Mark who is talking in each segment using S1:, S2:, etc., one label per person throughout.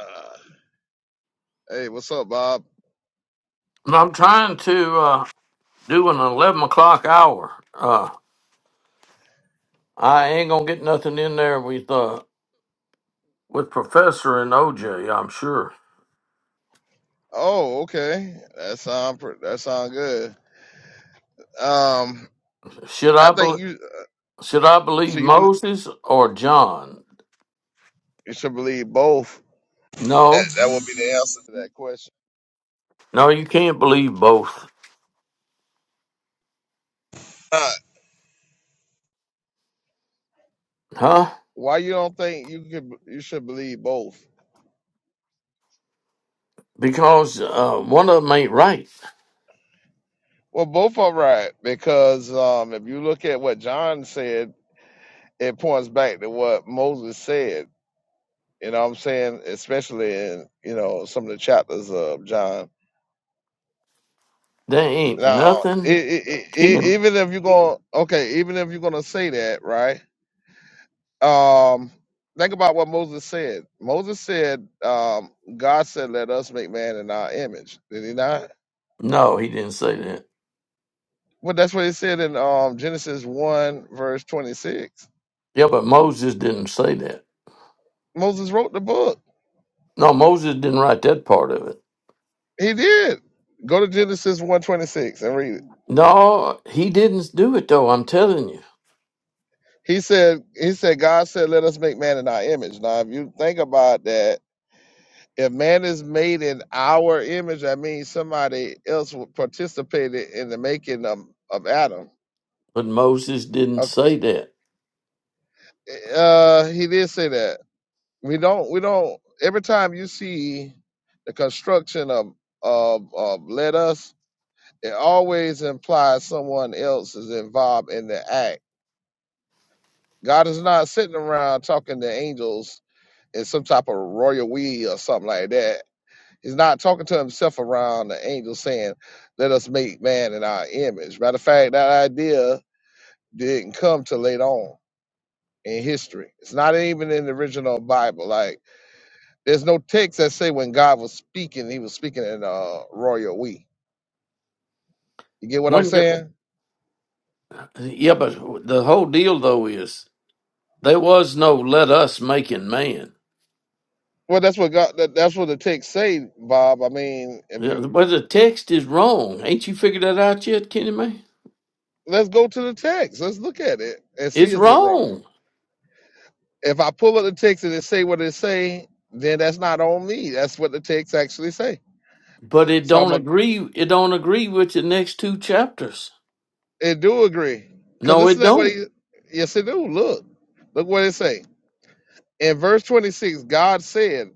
S1: Uh, hey, what's up, Bob?
S2: I'm trying to uh, do an eleven o'clock hour. Uh, I ain't gonna get nothing in there with uh, with Professor and OJ. I'm sure.
S1: Oh, okay. That sound pr- that sound good. Um,
S2: Should
S1: I
S2: I
S1: think
S2: bel
S1: you
S2: should I believe
S1: so you, bel
S2: Moses or John?
S1: you should believe both. That,
S2: No,
S1: that would be the answer to that question.
S2: no, you can't believe both,
S1: Uh,
S2: huh?
S1: why you don't think you could you should believe both?
S2: Because uh, one of them ain't right.
S1: Well, both are right because um, if you look at what John said, it points back to what Moses said. You know what I'm saying? Especially in you know some of the chapters of John.
S2: They ain't
S1: Now, i
S2: nothing.
S1: i i
S2: Kidding?
S1: even if you're going, okay, even if you're going to say that, right? Um, think about what Moses said. Moses said, um, God said, "Let us make man in our image." Did he not?
S2: No, he didn't say that.
S1: Well, that's what he said in um, Genesis one verse twenty six.
S2: Yeah, but Moses didn't say that.
S1: Moses wrote the book.
S2: No, Moses didn't write that part of it.
S1: He did. Go to Genesis one twenty six and read it.
S2: No, he didn't do it though. I'm telling you.
S1: He said, "He said, God said, let us make man in our image." Now, if you think about that if man is made in our image, that means somebody else participated in the making of, of Adam.
S2: But Moses didn't
S1: Uh,
S2: say that.
S1: uh, he did say that. We don't. We don't. Every time you see the construction of of, of let us, it always implies someone else is involved in the act. God is not sitting around talking to angels in some type of royal we or something like that He's not talking to himself around the angel saying, Let us make man in our image. Matter of fact, that idea didn't come till later on in history. It's not even in the original Bible. Like there's no text that say when God was speaking, he was speaking in uh royal we. You get what I'm
S2: When go-
S1: saying?
S2: yeah, but the whole deal though is there was no "let us make in man."
S1: Well that's what God that, that's what the text say, Bob. I mean, if
S2: Yeah,
S1: you
S2: But the text is wrong. Ain't you figured that out yet, Kenny man?
S1: let's go to the text. Let's look at it and see
S2: It's
S1: is it wrong.
S2: wrong.
S1: If I pull up the text and it say what it say, then that's not on me. That's what the text actually say.
S2: But it
S1: So
S2: don't
S1: I'm a,
S2: agree. It don't agree with the next two chapters.
S1: it do agree because
S2: No,
S1: this
S2: it
S1: is that what
S2: don't.
S1: he yes it do look look what it say in verse 26 God said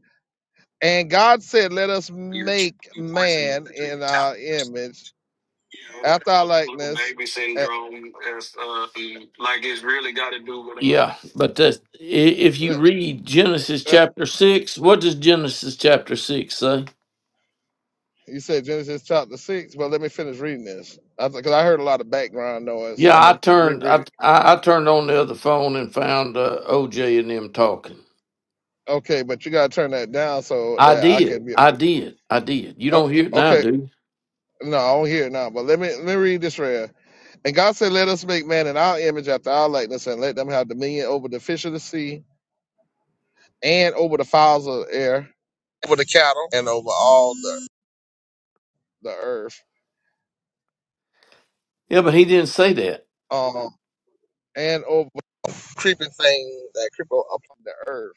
S1: and God said let us make man in our image after our likeness and
S2: Yeah, but that's, i- if you
S1: let,
S2: read Genesis
S1: uh,
S2: chapter six, what does Genesis chapter six say?
S1: you said Genesis chapter six but let me finish reading this because I, 'cause I heard a lot of background noise
S2: Yeah,
S1: I'm
S2: I
S1: gonna
S2: turned
S1: reread
S2: I
S1: it
S2: I, I turned on the other phone and found uh, OJ and them talking.
S1: okay but you gotta turn that down so
S2: I
S1: that I
S2: did,
S1: can be
S2: I did, I did. You
S1: oh,
S2: don't hear it now,
S1: okay
S2: do you?
S1: no I don't hear it now but let me let me read this real And God said, Let us make man in our image after our likeness, and let them have dominion over the fish of the sea, and over the fowls of the air, over the cattle, and over all the, the earth,
S2: Yeah, but he didn't say that.
S1: um, and over creeping things that creep upon the earth.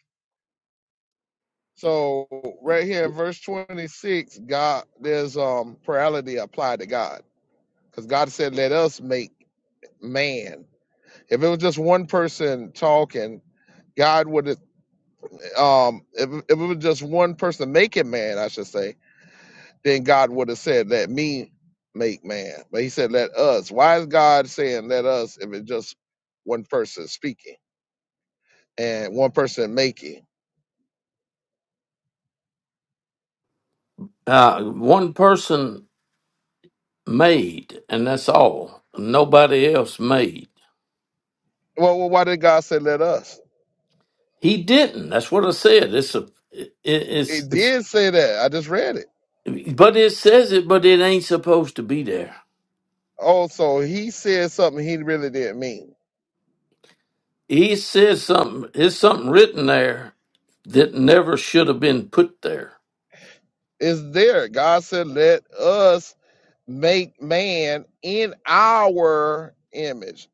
S1: So right here in verse 26, God there's um plurality applied to God. Because God said, Let us make man. If it was just one person talking, God would um if, if it was just one person making man, I should say, then God would have said, Let me make man. But he said, Let us. Why is God saying let us if it's just one person speaking and one person making?
S2: Uh, one person made, and that's all. Nobody else made.
S1: Well, well why did God say let us?
S2: He didn't. That's what I said. It's a it, it's,
S1: It
S2: it's
S1: did say that. I just read it.
S2: but it says it, but it ain't supposed to be there.
S1: Also, he said something he really didn't mean.
S2: He says something. There's something written there that never should have been put there.
S1: It's there. God said, Let us make man in our image.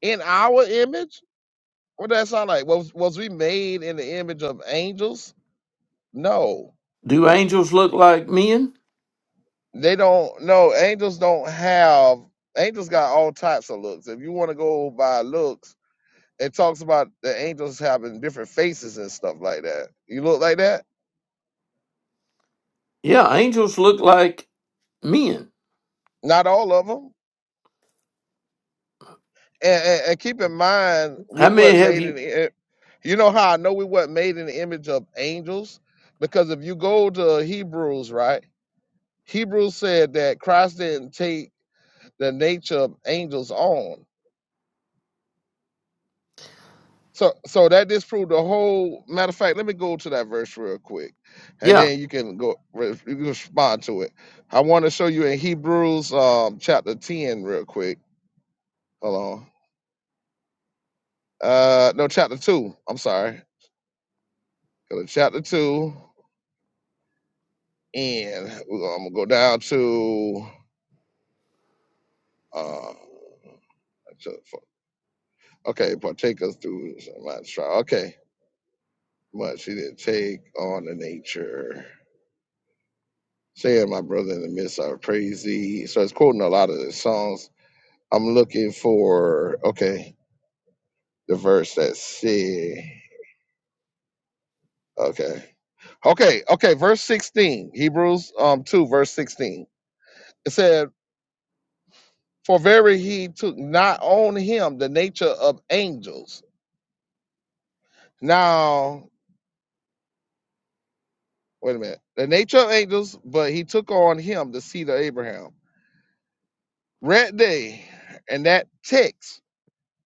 S1: In our image? What does that sound like? Was, was we made in the image of angels? No
S2: Do angels look like men?
S1: They don't no angels don't have angels got all types of looks. If you want to go by looks, it talks about the angels having different faces and stuff like that. You look like that?
S2: Yeah, angels look like men.
S1: Not all of them. And, and, and keep in mind, we
S2: How many
S1: weren't
S2: have
S1: made in.
S2: you?
S1: the i- You know how I know we weren't made in the image of angels, because if you go to Hebrews, right? Hebrews said that Christ didn't take the nature of angels on. So so that disproved the whole matter of fact, let me go to that verse real quick. And
S2: Yeah,
S1: then you can go re- you can respond to it. I want to show you in Hebrews um chapter 10 real quick. Hold on. Uh no chapter 2. I'm sorry. Go to chapter 2 and we're gonna, I'm gonna go down to uh so- for- okay, partake us through my trial. Okay. Much he did take on the nature. Say, my brother in the midst, I praise thee. So it's quoting a lot of the songs. I'm looking for, okay, the verse that said, okay. Okay, okay, verse 16, Hebrews um 2, verse 16. It said, For very he took not on him the nature of angels. Now, wait a minute, the nature of angels, but he took on him the seed of Abraham. Read they and that text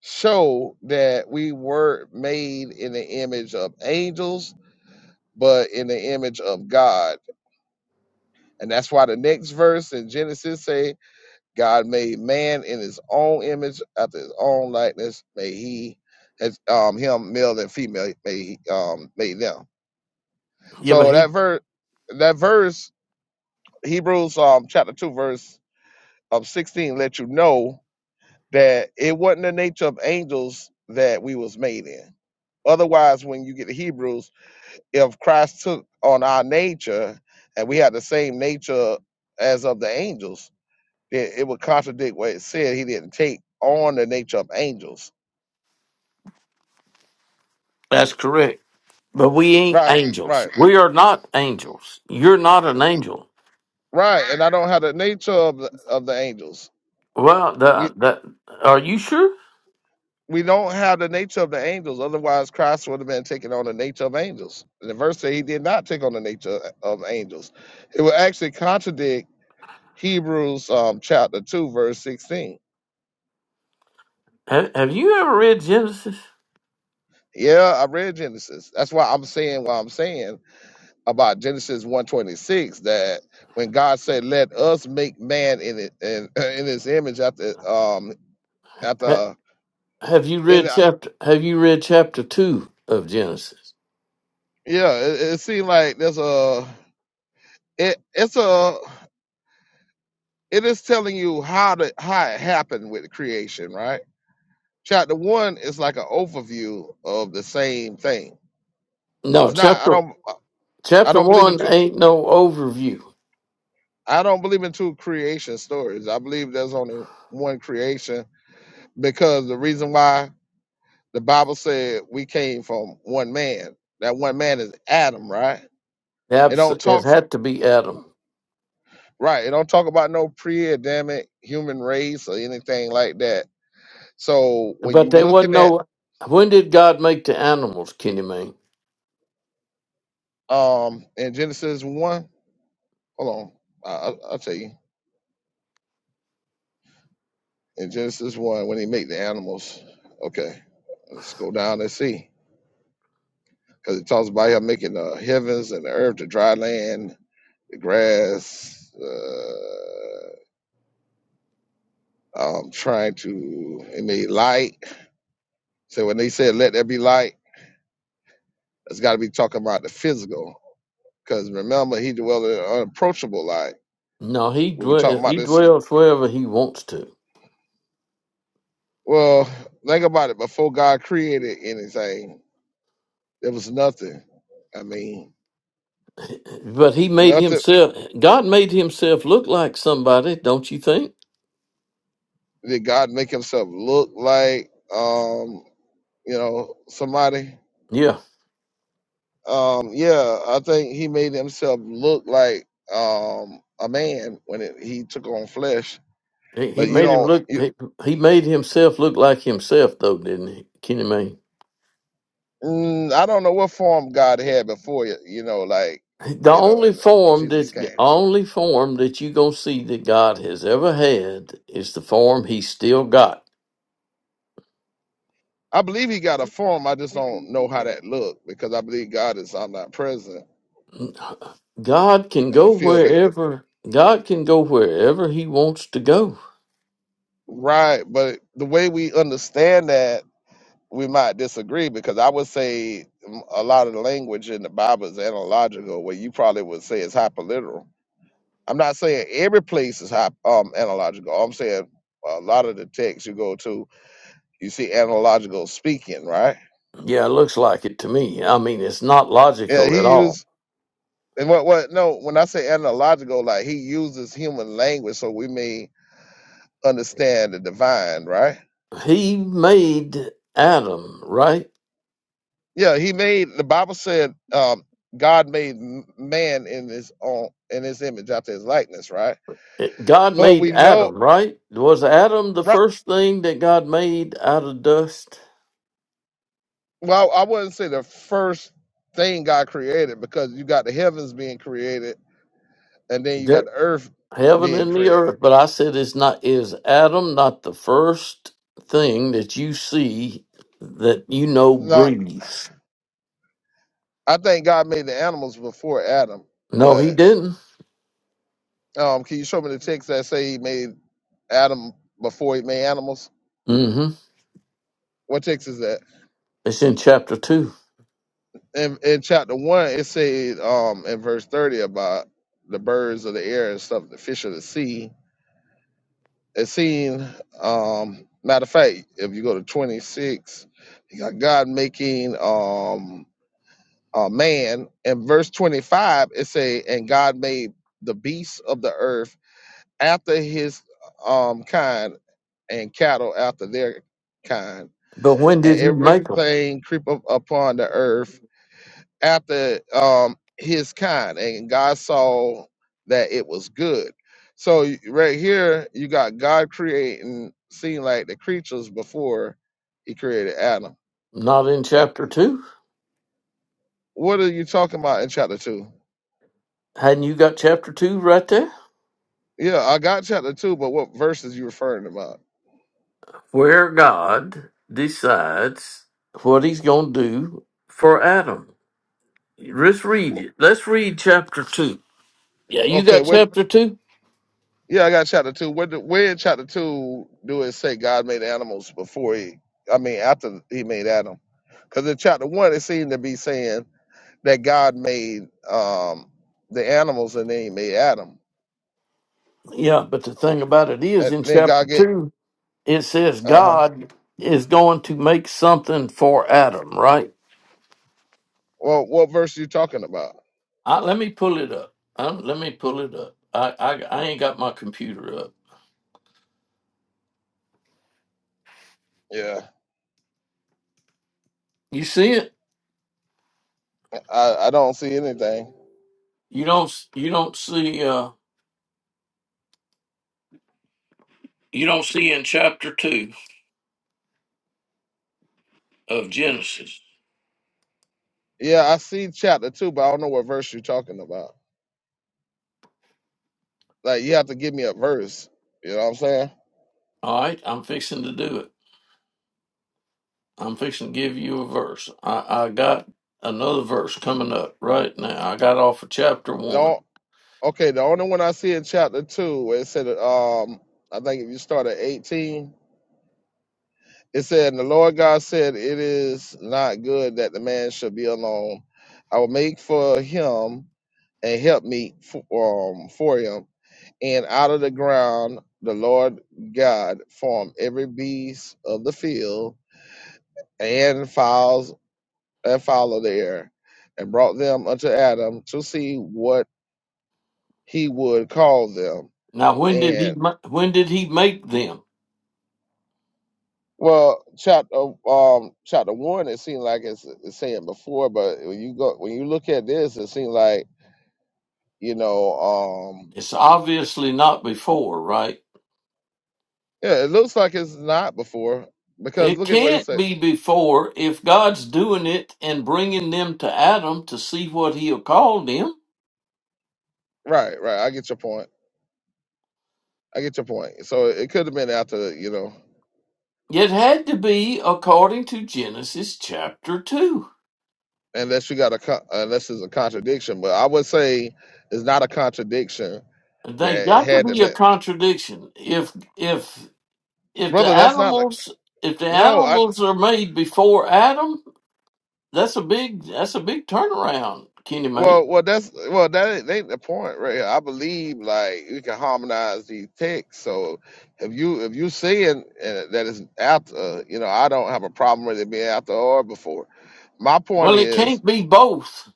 S1: show that we were made in the image of angels but in the image of god and that's why the next verse in genesis say god made man in his own image after his own likeness Made he as um him male and female made he, um made them
S2: yeah, but
S1: so
S2: he,
S1: that verse that verse hebrews um chapter 2 verse of 16 let you know that it wasn't the nature of angels that we was made in Otherwise, when you get to Hebrews, if Christ took on our nature and we had the same nature as of the angels, then it would contradict what it said. He didn't take on the nature of angels.
S2: that's correct. But we ain't
S1: Right,
S2: angels.
S1: right,
S2: We are not angels. You're not an angel.
S1: right. And I don't have the nature of the, of the angels.
S2: Well,
S1: We
S2: the, the, are you sure?
S1: we don't have the nature of the angels. Otherwise, Christ would have been taking on the nature of angels. And the verse said he did not take on the nature of angels. It would actually contradict Hebrews um, chapter two, verse sixteen
S2: Have, have you ever read Genesis?
S1: Yeah, I read Genesis. That's why I'm saying what I'm saying about Genesis 126 that when God said, "Let us make man in it in, in his image after um
S2: Ha,
S1: after
S2: have you
S1: and
S2: read
S1: I-
S2: chapter? Have you read chapter two of Genesis?
S1: yeah, it, it seemed like there's a it it's a it is telling you how to how it happened with creation, right? Chapter one is like an overview of the same thing.
S2: No,
S1: It's not. I
S2: chapter
S1: don't. I
S2: chapter
S1: don't believe in.
S2: one
S1: two.
S2: ain't no overview.
S1: I don't believe in two creation stories. I believe there's only one creation because the reason why the Bible said we came from one man. That one man is Adam, right? It
S2: Abs-
S1: don't
S2: It
S1: talk
S2: had to be Adam.
S1: right. It don't talk about no pre-Adamic human race or anything like that. So when
S2: But
S1: you
S2: they wasn't
S1: looking at
S2: no. When did God make the animals, Kenny Man?
S1: um in Genesis one, hold on, I, I'll I'll tell you in Genesis one when he make the animals. Okay, let's go down and see. because it talks about him making the heavens and the earth, the dry land, the grass, uh, um, trying to it made light. So when they said let there be light, it's got to be talking about the physical, because remember he dwelled in an unapproachable light.
S2: No, he
S1: When we talk
S2: dwell,
S1: about
S2: he
S1: this,
S2: dwells wherever he wants to.
S1: well, think about it. Before God created anything, there was nothing. I mean,
S2: But he made
S1: nothing
S2: himself. God made himself look like somebody, don't you think?
S1: did God make Himself look like. Um, you know, somebody.
S2: Yeah,
S1: Um, yeah, I think he made himself look like um a man when it, he took on flesh.
S2: he, he
S1: But you
S2: made him
S1: don't,
S2: look.
S1: you,
S2: He, he made himself look like himself, though, didn't he, Kenny Mayne?
S1: mm, I don't know what form God had before you. You know, like
S2: The
S1: you know,
S2: only
S1: and
S2: form
S1: Jesus
S2: that
S1: came.
S2: only form that you gonna see that God has ever had is the form He still got.
S1: I believe he got a form. I just don't know how that looked because I believe God is omnipresent.
S2: God can
S1: I
S2: go
S1: feel that
S2: wherever. God can go wherever He wants to go.
S1: right, but the way we understand that, we might disagree because I would say mm, a lot of the language in the Bible is analogical, where you probably would say it's hyperliteral I'm not saying every place is high, um, analogical. I'm saying a lot of the texts you go to, you see analogical speaking, right?
S2: Yeah, it looks like it to me. I mean, it's not
S1: Yeah,
S2: logical at
S1: he
S2: all.
S1: used and what what no. When I say analogical, like he uses human language so we may understand the divine, right?
S2: He made Adam, right?
S1: Yeah, he made the Bible said um, God made m- man in his own in his image after his likeness, right?
S2: It- God
S1: But
S2: made
S1: we know
S2: Adam, right? Was Adam the
S1: right.
S2: first thing that God made out of dust?
S1: Well, I wouldn't say the first thing God created because you got the heavens being created and then you got
S2: There-
S1: the earth
S2: heaven
S1: being
S2: and the
S1: created.
S2: earth. But I said, it's not. Is Adam not the first thing that you see that you know
S1: Now,
S2: breathes?
S1: I think God made the animals before Adam,
S2: No, he
S1: but
S2: didn't.
S1: um, can you show me the text that say He made Adam before He made animals?
S2: mm hmm
S1: What text is that?
S2: It's in chapter two.
S1: In, in chapter one, it said um, in verse thirty about the birds of the air and stuff, the fish of the sea. It seen um, matter of fact, if you go to twenty six, you got God making. Um, uh, man. And verse 25, it say, and God made the beasts of the earth after his um, kind and cattle after their kind
S2: But when
S1: and
S2: did he make them?
S1: everything creep up upon the earth after um, his kind. And God saw that it was good. So y- right here, you got God creating, seem like the creatures before he created Adam.
S2: Not in
S1: That-
S2: chapter two.
S1: What are you talking about in chapter two?
S2: Hadn't you got chapter two right there?
S1: Yeah, I got chapter two, but what verses you referring about?
S2: where God decides what he's going to do for Adam. Let's read it.
S1: Wh-
S2: Let's read chapter 2. Yeah, you
S1: Okay,
S2: got
S1: what?
S2: chapter 2?
S1: Yeah, I got chapter two. Where, do, where in chapter two do it say God made animals before he? I mean, after he made Adam? Because in chapter one, it seemed to be saying that God made um the animals and then he made Adam,
S2: Yeah, but the thing about it is,
S1: and
S2: in
S1: then
S2: chapter
S1: God get
S2: 2, it says
S1: uh huh.
S2: God is going to make something for Adam, right?
S1: Well, what verse you talking about?
S2: I, let me pull it up. Um, let me pull it up. I, I I ain't got my computer up.
S1: Yeah,
S2: You see it?
S1: I I don't see anything.
S2: You don't s- you don't see uh you don't see in chapter two of Genesis.
S1: Yeah, I see chapter two, but I don't know what verse you're talking about. Like you have to give me a verse. You know what I'm saying?
S2: All right, I'm fixing to do it. I'm fixing to give you a verse. I, I got another verse coming up right now. I got off of chapter one.
S1: No, okay. The only one I see in chapter two, where it said, um, I think if you start at eighteen, it said, "And the Lord God said, It is not good that the man should be alone. I will make for him and help me for, um, for him. And out of the ground, the Lord God formed every beast of the field and fowls and fowl of the air, and brought them unto Adam to see what he would call them.
S2: Now, when did he
S1: and
S2: ma- when did he make them?
S1: Well, chapter um chapter one, it seemed like it's, it's saying before, but when you go when you look at this, it seems like you know um
S2: It's
S1: it,
S2: obviously not before, right?
S1: yeah, it looks like it's not before because
S2: It
S1: look at what it
S2: can't
S1: said.
S2: be before if God's doing it and bringing them to Adam to see what he'll call them.
S1: Right, right. I get your point. I get your point. So it could have been after you know,
S2: It had to be according to Genesis chapter 2.
S1: unless you got a co- unless it's a contradiction. But I would say it's not a contradiction
S2: They
S1: that it
S2: got to
S1: had to
S2: be a
S1: be,
S2: contradiction. If if if the
S1: brother. That's not like
S2: animals if the
S1: no.
S2: animals are made before Adam, that's a big that's a big turnaround, Kenny man.
S1: Well, well, that's well, that ain't, that ain't the point, right? here. I believe like we can harmonize these texts. So if you if you saying uh, that it's after, uh, you know, I don't have a problem with it being after or before. My point
S2: Well, it
S1: is,
S2: can't be both.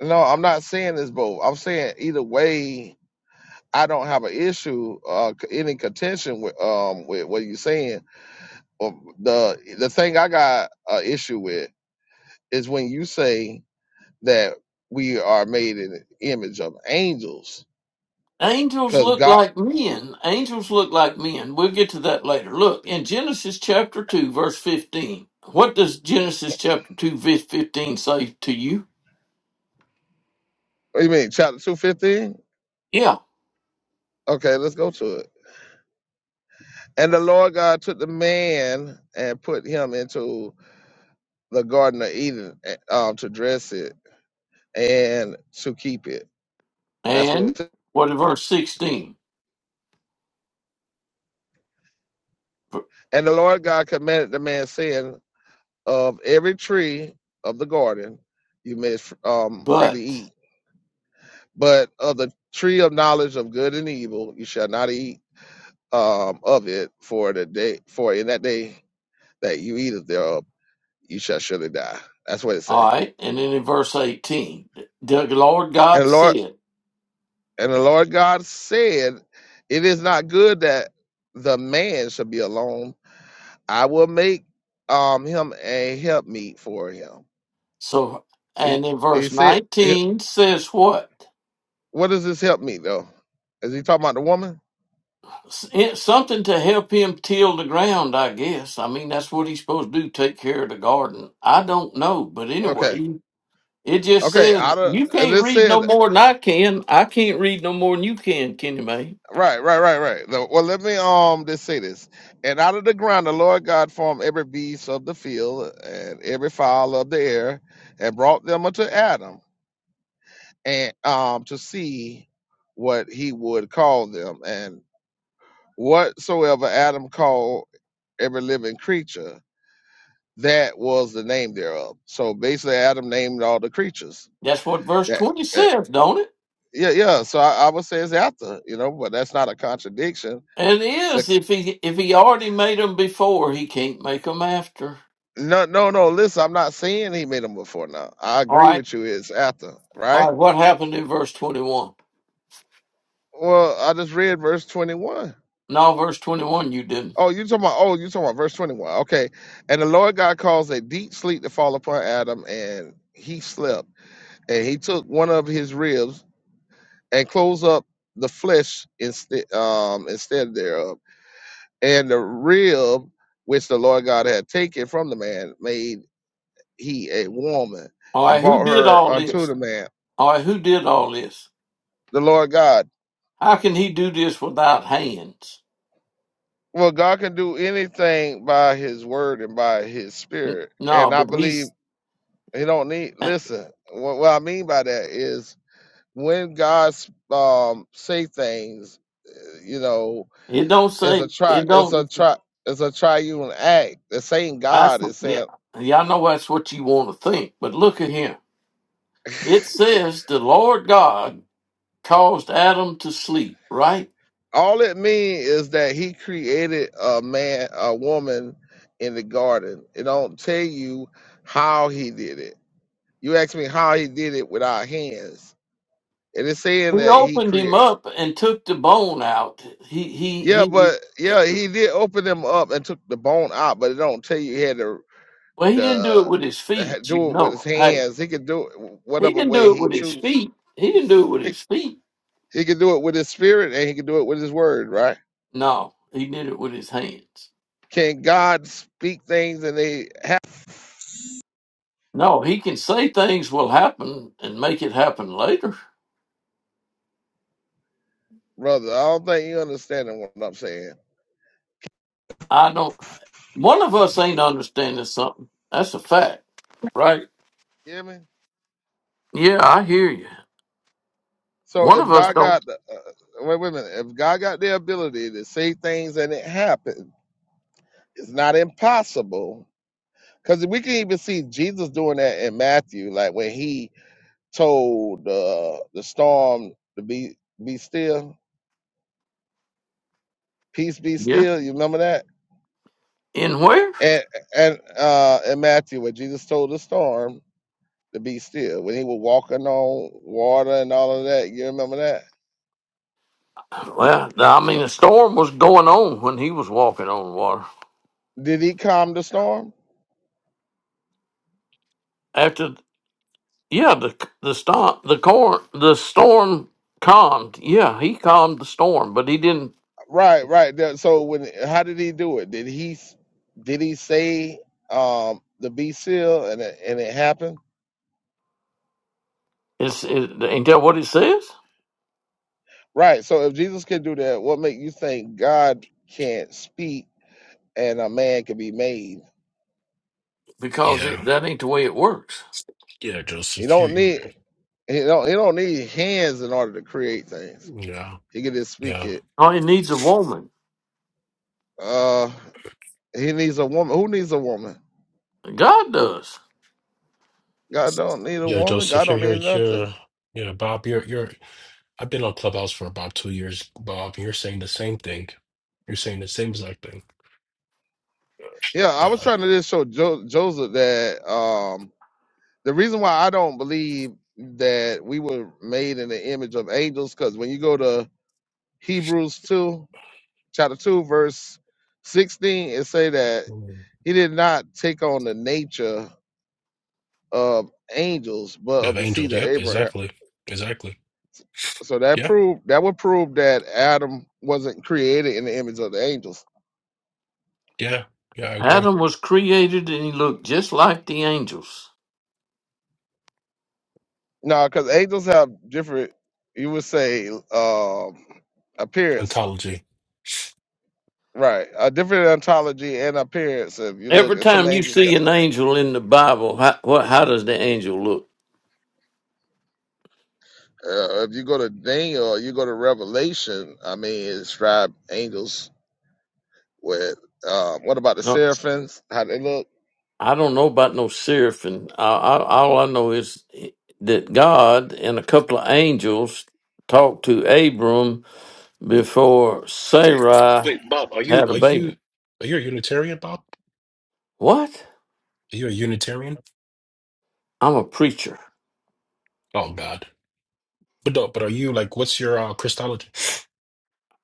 S1: no, I'm not saying it's both. I'm saying either way, I don't have an issue, uh, c- any contention with um with what you're saying. But the the thing I got an issue with is when you say that we are made in the image of angels
S2: Angels
S1: Because
S2: look
S1: God,
S2: like men. Angels look like men. We'll get to that later. Look, in Genesis chapter 2, verse 15, what does Genesis chapter 2, verse 15 say to you?
S1: what you mean, chapter 215?
S2: Yeah.
S1: Okay, let's go to it. And the Lord God took the man and put him into the Garden of Eden eh, um, to dress it and to keep it. That's what
S2: And
S1: it says.
S2: what in verse 16?
S1: And the Lord God commanded the man, saying, Of every tree of the garden you may um, freely
S2: But,
S1: eat, but of the tree of knowledge of good and evil you shall not eat um, of it, for the day, for in that day that you eat of thereof you shall surely die. That's what it say.
S2: all right. And then in verse 18, the Lord
S1: And
S2: God
S1: the Lord
S2: said,
S1: and the Lord God said, It is not good that the man should be alone. I will make um him a help for him.
S2: So,
S1: He,
S2: and in
S1: he
S2: verse
S1: said he-
S2: 19 says what?
S1: what does this help though? Is he talking about the woman?
S2: S- it- Something to help him till the ground, I guess. I mean, that's what he's supposed to do, take care of the garden. I don't know, but
S1: Okay.
S2: anyway, it just
S1: Okay,
S2: says
S1: out of
S2: you
S1: and
S2: can't
S1: it
S2: read
S1: said
S2: no more than I can. I can't read no more than you can, Kenny May.
S1: right, right, right, right. The- Well let me um just say this. And out of the ground the Lord God formed every beast of the field and every fowl of the air and brought them unto Adam and um, to see what he would call them. And whatsoever Adam called every living creature, that was the name thereof. So basically, Adam named all the creatures.
S2: That's what verse
S1: That,
S2: 20
S1: that-
S2: says, don't it?
S1: yeah, yeah. So I, I would say it's after, you know, but that's not a contradiction.
S2: it
S1: But
S2: is if he if he already made them before, he can't make them after.
S1: no, no, no. Listen, I'm not saying he made them before now. I
S2: All
S1: agree
S2: right.
S1: with you. It's after,
S2: All
S1: right?
S2: right, what happened in verse 21?
S1: Well, I just read verse 21.
S2: No, verse 21 you didn't.
S1: Oh, you talking about? Oh, you talking about verse twenty-one? Okay. And the Lord God caused a deep sleep to fall upon Adam, and he slept. And he took one of his ribs and closed up the flesh instead um, instead thereof. And the rib which the Lord God had taken from the man made he a woman
S2: All
S1: and
S2: right, who
S1: brought
S2: did
S1: her
S2: all
S1: unto
S2: this?
S1: the man.
S2: All right, who did all this?
S1: The Lord God.
S2: How can he do this without hands?
S1: Well, God can do anything by His word and by His
S2: N-
S1: Spirit,
S2: No,
S1: and I
S2: but
S1: believe
S2: he's.
S1: He don't need.
S2: uh,
S1: Listen, what, what I mean by that is when God um, say things, uh, you know,
S2: It don't
S1: it's
S2: say.
S1: a try,
S2: It
S1: it's a
S2: don't.
S1: try, it's a triune act. The same
S2: I.
S1: God is
S2: Yeah,
S1: saying
S2: yeah. I know that's what you want to think, but look at here. It says the Lord God caused Adam to sleep. Right.
S1: all it means is that He created a man, a woman in the garden. It don't tell you how He did it. You ask me how He did it with our hands, and it's saying
S2: He
S1: that He
S2: opened him
S1: created.
S2: up and took the bone out. He. He.
S1: Yeah,
S2: He.
S1: but
S2: he
S1: yeah, he did open them up and took the bone out, but it don't tell you he had to.
S2: well, he didn't do
S1: the,
S2: it with his
S1: the
S2: feet. You
S1: do it with his
S2: know. Hey,
S1: hands. He can do it
S2: he
S1: whatever
S2: didn't
S1: way
S2: do it
S1: he
S2: with his
S1: chooses.
S2: feet. He didn't do it with
S1: He,
S2: his feet.
S1: he can do it with his spirit and he can do it with his word, right?
S2: No, he did it with his hands.
S1: Can God speak things and they happen,
S2: No, he can say things will happen and make it happen later.
S1: brother? I don't think you understanding what I'm saying.
S2: I don't. One of us ain't understanding something. That's a fact, right?
S1: You hear me?
S2: Yeah, I hear you.
S1: So
S2: One
S1: if
S2: of us
S1: God
S2: don't.
S1: got the uh, uh, wait, wait a minute, if God got the ability to say things and it happened, it's not impossible. Because we can even see Jesus doing that in Matthew, like when he told uh, the storm to be be still peace be
S2: Yeah.
S1: still. You remember that?
S2: In where?
S1: And and uh in Matthew when Jesus told the storm to be still, when he was walking on water and all of that, you remember that?
S2: Well, I mean, the storm was going on when he was walking on water.
S1: Did he calm the storm?
S2: After, yeah, the the storm, the corn, the storm calmed. Yeah, he calmed the storm, but he didn't.
S1: Right, right. That- So when how did he do it? Did he did he say um the be still and it, and it happened?
S2: It's it, ain't that what it says?
S1: Right. So if Jesus can do that, what make you think God can't speak and a man can be made?
S2: Because
S3: Yeah,
S2: it, that ain't the way it works.
S3: yeah,
S1: He
S3: Joseph, you,
S1: don't
S3: you,
S1: need he don't he don't need hands in order to create things.
S3: yeah,
S1: He can just speak
S3: yeah,
S1: it.
S2: Oh, he needs a woman.
S1: Uh, he needs a woman. Who needs a woman?
S2: God does.
S1: God don't need a
S3: yeah,
S1: woman. God
S3: Joseph, you're,
S1: don't
S3: you're,
S1: need nothing.
S3: you're, yeah, Bob, you're, you're. I've been on Clubhouse for about two years, Bob. and You're saying the same thing. You're saying the same exact thing.
S1: Yeah, I was
S3: God,
S1: trying to just show jo- Joseph that um, the reason why I don't believe that we were made in the image of angels, because when you go to Hebrews two, chapter two, verse sixteen, it say that
S3: Mm.
S1: he did not take on the nature of angels, but
S3: of
S1: of the
S3: angels.
S1: seed of
S3: Yep,
S1: Abraham.
S3: exactly, exactly.
S1: So that
S3: Yeah,
S1: proved that would prove that Adam wasn't created in the image of the angels.
S3: yeah, yeah. I agree.
S2: Adam was created and he looked just like the angels.
S1: No, because angels have different, you would say, um, appearance.
S3: Ontology.
S1: Right, a different ontology and appearance. If you look
S2: Every
S1: at some of
S2: time
S1: the
S2: you
S1: angels,
S2: see
S1: got-
S2: an angel in the Bible, how, what, how does the angel look?
S1: uh, if you go to Daniel, or you go to Revelation. I mean, it describe angels with. Um, what about the
S2: No,
S1: seraphims? How they look?
S2: I don't know about no seraphim. I, I, all I know is that God and a couple of angels talked to Abram before Sarai
S3: Wait, Bob, are you,
S2: had a
S3: are you,
S2: baby.
S3: are you a Unitarian, Bob?
S2: What?
S3: Are you a Unitarian?
S2: I'm a preacher.
S3: Oh God. But no, but are you like, what's your uh, Christology?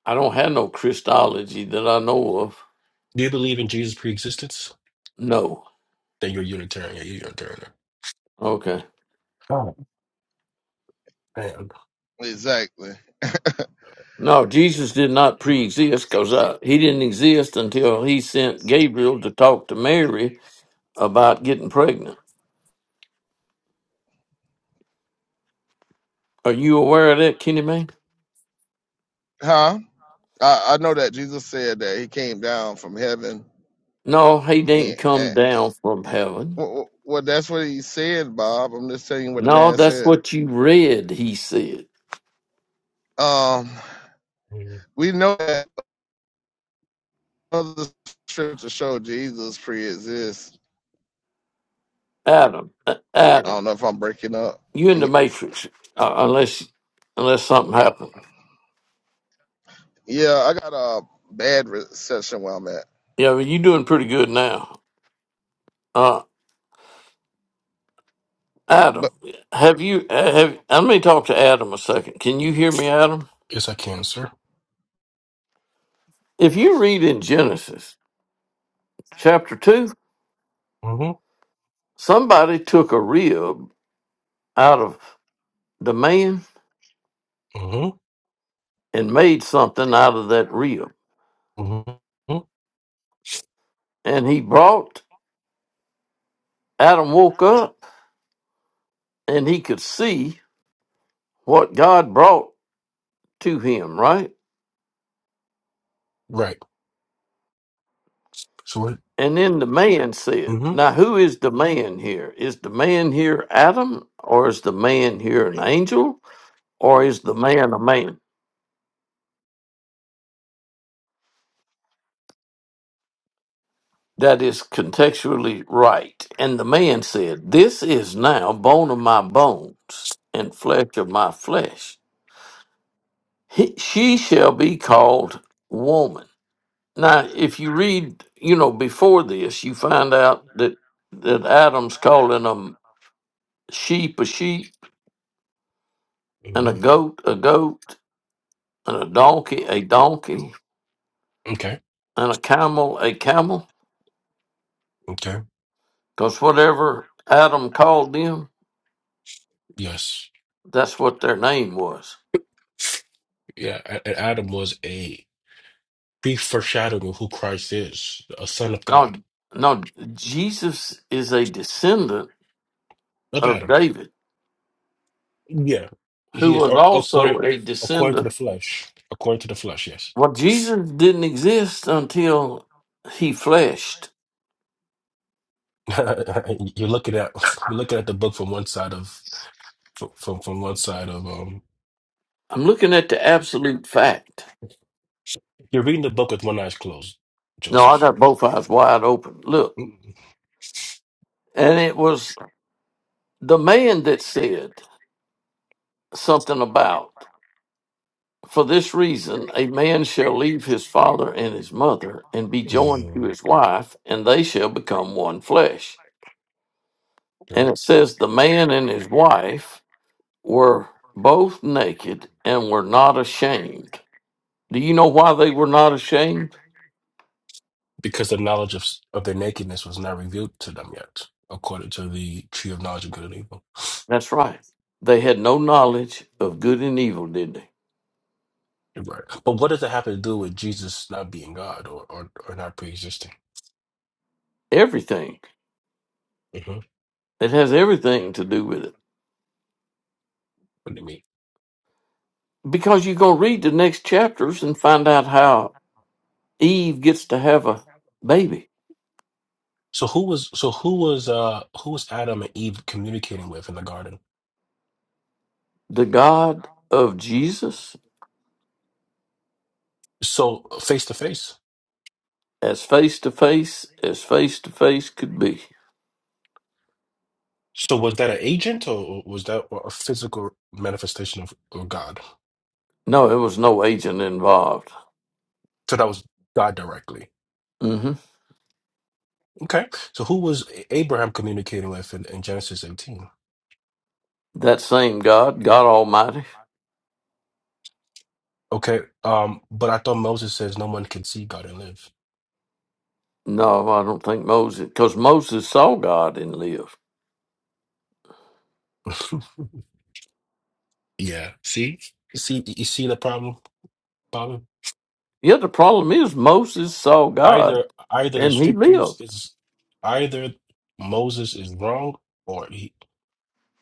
S2: I don't have no Christology that I know of.
S3: Do you believe in Jesus' pre-existence?
S2: No.
S3: Then you're a Unitarian. Yeah, you're a Unitarian.
S2: Okay.
S3: Oh, And
S1: Exactly.
S2: No, Jesus did not pre-exist because he didn't exist until he sent Gabriel to talk to Mary about getting pregnant. Are you aware of that, Kenny Man?
S1: Huh? I, I know that Jesus said that he came down from heaven,
S2: No, he didn't come
S1: and.
S2: down from heaven.
S1: Well, well, well, that's what he said, Bob. I'm just telling you what the
S2: No,
S1: man
S2: that's
S1: said.
S2: what you read. He said,
S1: Um,
S3: mm,
S1: we know that other scriptures show Jesus pre-exists.
S2: "Adam, uh,
S1: I
S2: Adam,
S1: don't know if I'm breaking up.
S2: you in the
S1: Can
S2: matrix? Uh, unless, unless something happened.
S1: yeah, I got a bad reception where I'm at.
S2: Yeah, well, you doing pretty good now. Uh, Adam,
S1: But
S2: have you? uh, Have let me talk to Adam a second. Can you hear me, Adam?
S3: yes, I can, sir.
S2: If you read in Genesis." chapter 2,
S3: Mm-hmm.
S2: somebody took a rib out of the man
S3: Mm-hmm.
S2: and made something out of that rib.
S3: Mm-hmm.
S2: And he brought, Adam woke up and he could see what God brought to him, right?
S3: Right. So what?
S2: And then the man said,
S3: Mm-hmm.
S2: Now, who is the man here? Is the man here Adam, or is the man here an angel, or is the man a man? That is contextually right. And the man said, This is now bone of my bones and flesh of my flesh. He, she shall be called woman. Now, if you read, you know, before this, you find out that, that Adam's calling a sheep a sheep, and a
S3: Mm-hmm.
S2: goat a goat, and a donkey a donkey,
S3: Okay.
S2: and a camel a camel,
S3: Okay.
S2: because whatever Adam called them,
S3: Yes.
S2: that's what their name was.
S3: Yeah. A- And Adam was a brief foreshadowing of who Christ is, a son of
S2: No,
S3: God.
S2: no, Jesus is a descendant
S3: Of
S2: of
S3: Adam.
S2: David,
S3: Yeah.
S2: who
S3: He is
S2: was
S3: a-
S2: also
S3: according
S2: a
S3: according to the
S2: descendant.
S3: flesh. According to the flesh. Yes.
S2: Well, Jesus didn't exist until he fleshed.
S3: you're looking at you're looking at the book from one side of from from one side of um
S2: I'm looking at the absolute fact.
S3: You're reading the book with one eye closed,
S2: No, I
S3: Joseph.
S2: got both eyes wide open. Look.
S3: Mm,
S2: And it was the man that said something about, for this reason, a man shall leave his father and his mother and be joined to
S3: mm,
S2: his wife, and they shall become one flesh.
S3: okay.
S2: And it says, The man and his wife were both naked and were not ashamed. Do you know why they were not ashamed?
S3: Because the knowledge of, of their nakedness was not revealed to them yet, according to the tree of knowledge of good and evil.
S2: That's right. They had no knowledge of good and evil, did they?
S3: Right. But what does it have to do with Jesus not being God or or, or not pre-existing?
S2: Everything.
S3: hmm
S2: It has everything to do with it.
S3: What do you mean?
S2: Because you're going to read the next chapters and find out how Eve gets to have a baby.
S3: So who was so who was uh who was Adam and Eve communicating with in the garden?
S2: The God of Jesus,
S3: So face to face.
S2: as face to face as face to face could be.
S3: So was that an agent or was that a physical manifestation of, of God?
S2: No, it was no agent involved.
S3: So that was God directly.
S2: Mm-hmm.
S3: Okay. So who was Abraham communicating with in, in Genesis 18?
S2: That same God, God Almighty?
S3: Okay. Um, but I thought Moses says no one can see God and live.
S2: No, I don't think Moses, because Moses saw God and lived.
S3: Yeah. See? You see you see the problem, Bobby?
S2: Yeah, the problem is Moses saw God
S3: Either either the
S2: and he
S3: scriptures
S2: lived.
S3: is either Moses is wrong or he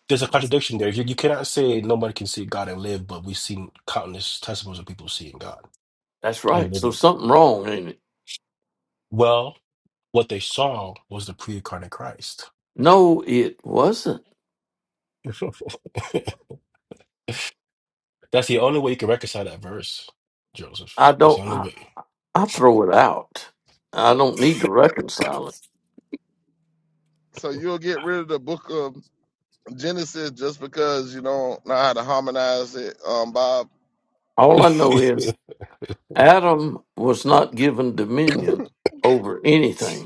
S3: there's a contradiction there. You, you cannot say nobody can see God and live, but we've seen countless testimonies of people seeing God
S2: That's
S3: and
S2: right. So
S3: living.
S2: something wrong, ain't it?
S3: Well, what they saw was the pre-incarnate Christ.
S2: No, it wasn't.
S3: That's the only way you can reconcile that verse, Joseph.
S2: I
S3: That's the
S2: don't.
S3: only
S2: I, I throw it out. I don't need to reconcile it.
S1: so you'll get rid of the book of Genesis just because you don't know how to harmonize it, um, Bob.
S2: All I know
S3: way.
S2: is Adam was not given dominion over anything.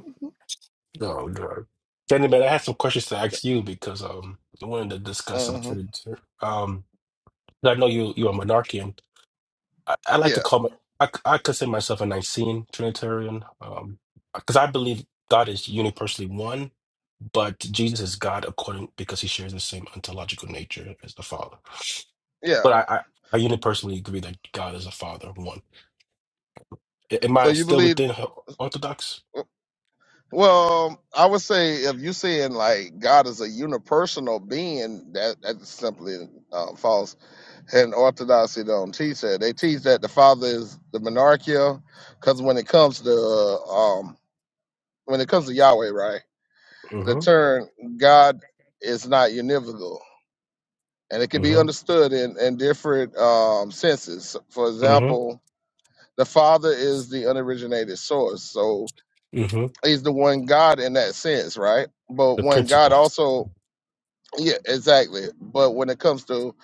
S3: oh God. Danny, man, I had some questions to ask you because um I wanted to discuss some
S1: hmm
S3: Trinity. Um I know you you are monarchian. I, I like to
S1: Yeah,
S3: call my I, I consider myself a Nicene Trinitarian. Um because I believe God is universally one, but Jesus is God according because he shares the same ontological nature as the Father.
S1: yeah.
S3: But I I, I unipersonally agree that God is a Father, one. A- Am
S1: So
S3: I
S1: you
S3: still
S1: believe?
S3: within Ho- Orthodox?
S1: Well, I would say if you're saying like God is a unipersonal being, that that's simply uh, false. And Orthodoxy don't teach that. They teach that the Father is the monarchia, because when it comes to um, when it comes to Yahweh, right, the
S3: Mm-hmm.
S1: term God is not univocal, and it can be
S3: Mm-hmm.
S1: understood in in different um, senses. For
S3: Mm-hmm.
S1: example, the Father is the unoriginated source, so
S3: Mm-hmm.
S1: He's the one God in that sense, right? But
S3: The
S1: one God
S3: principle.
S1: also Yeah, exactly. But when it comes to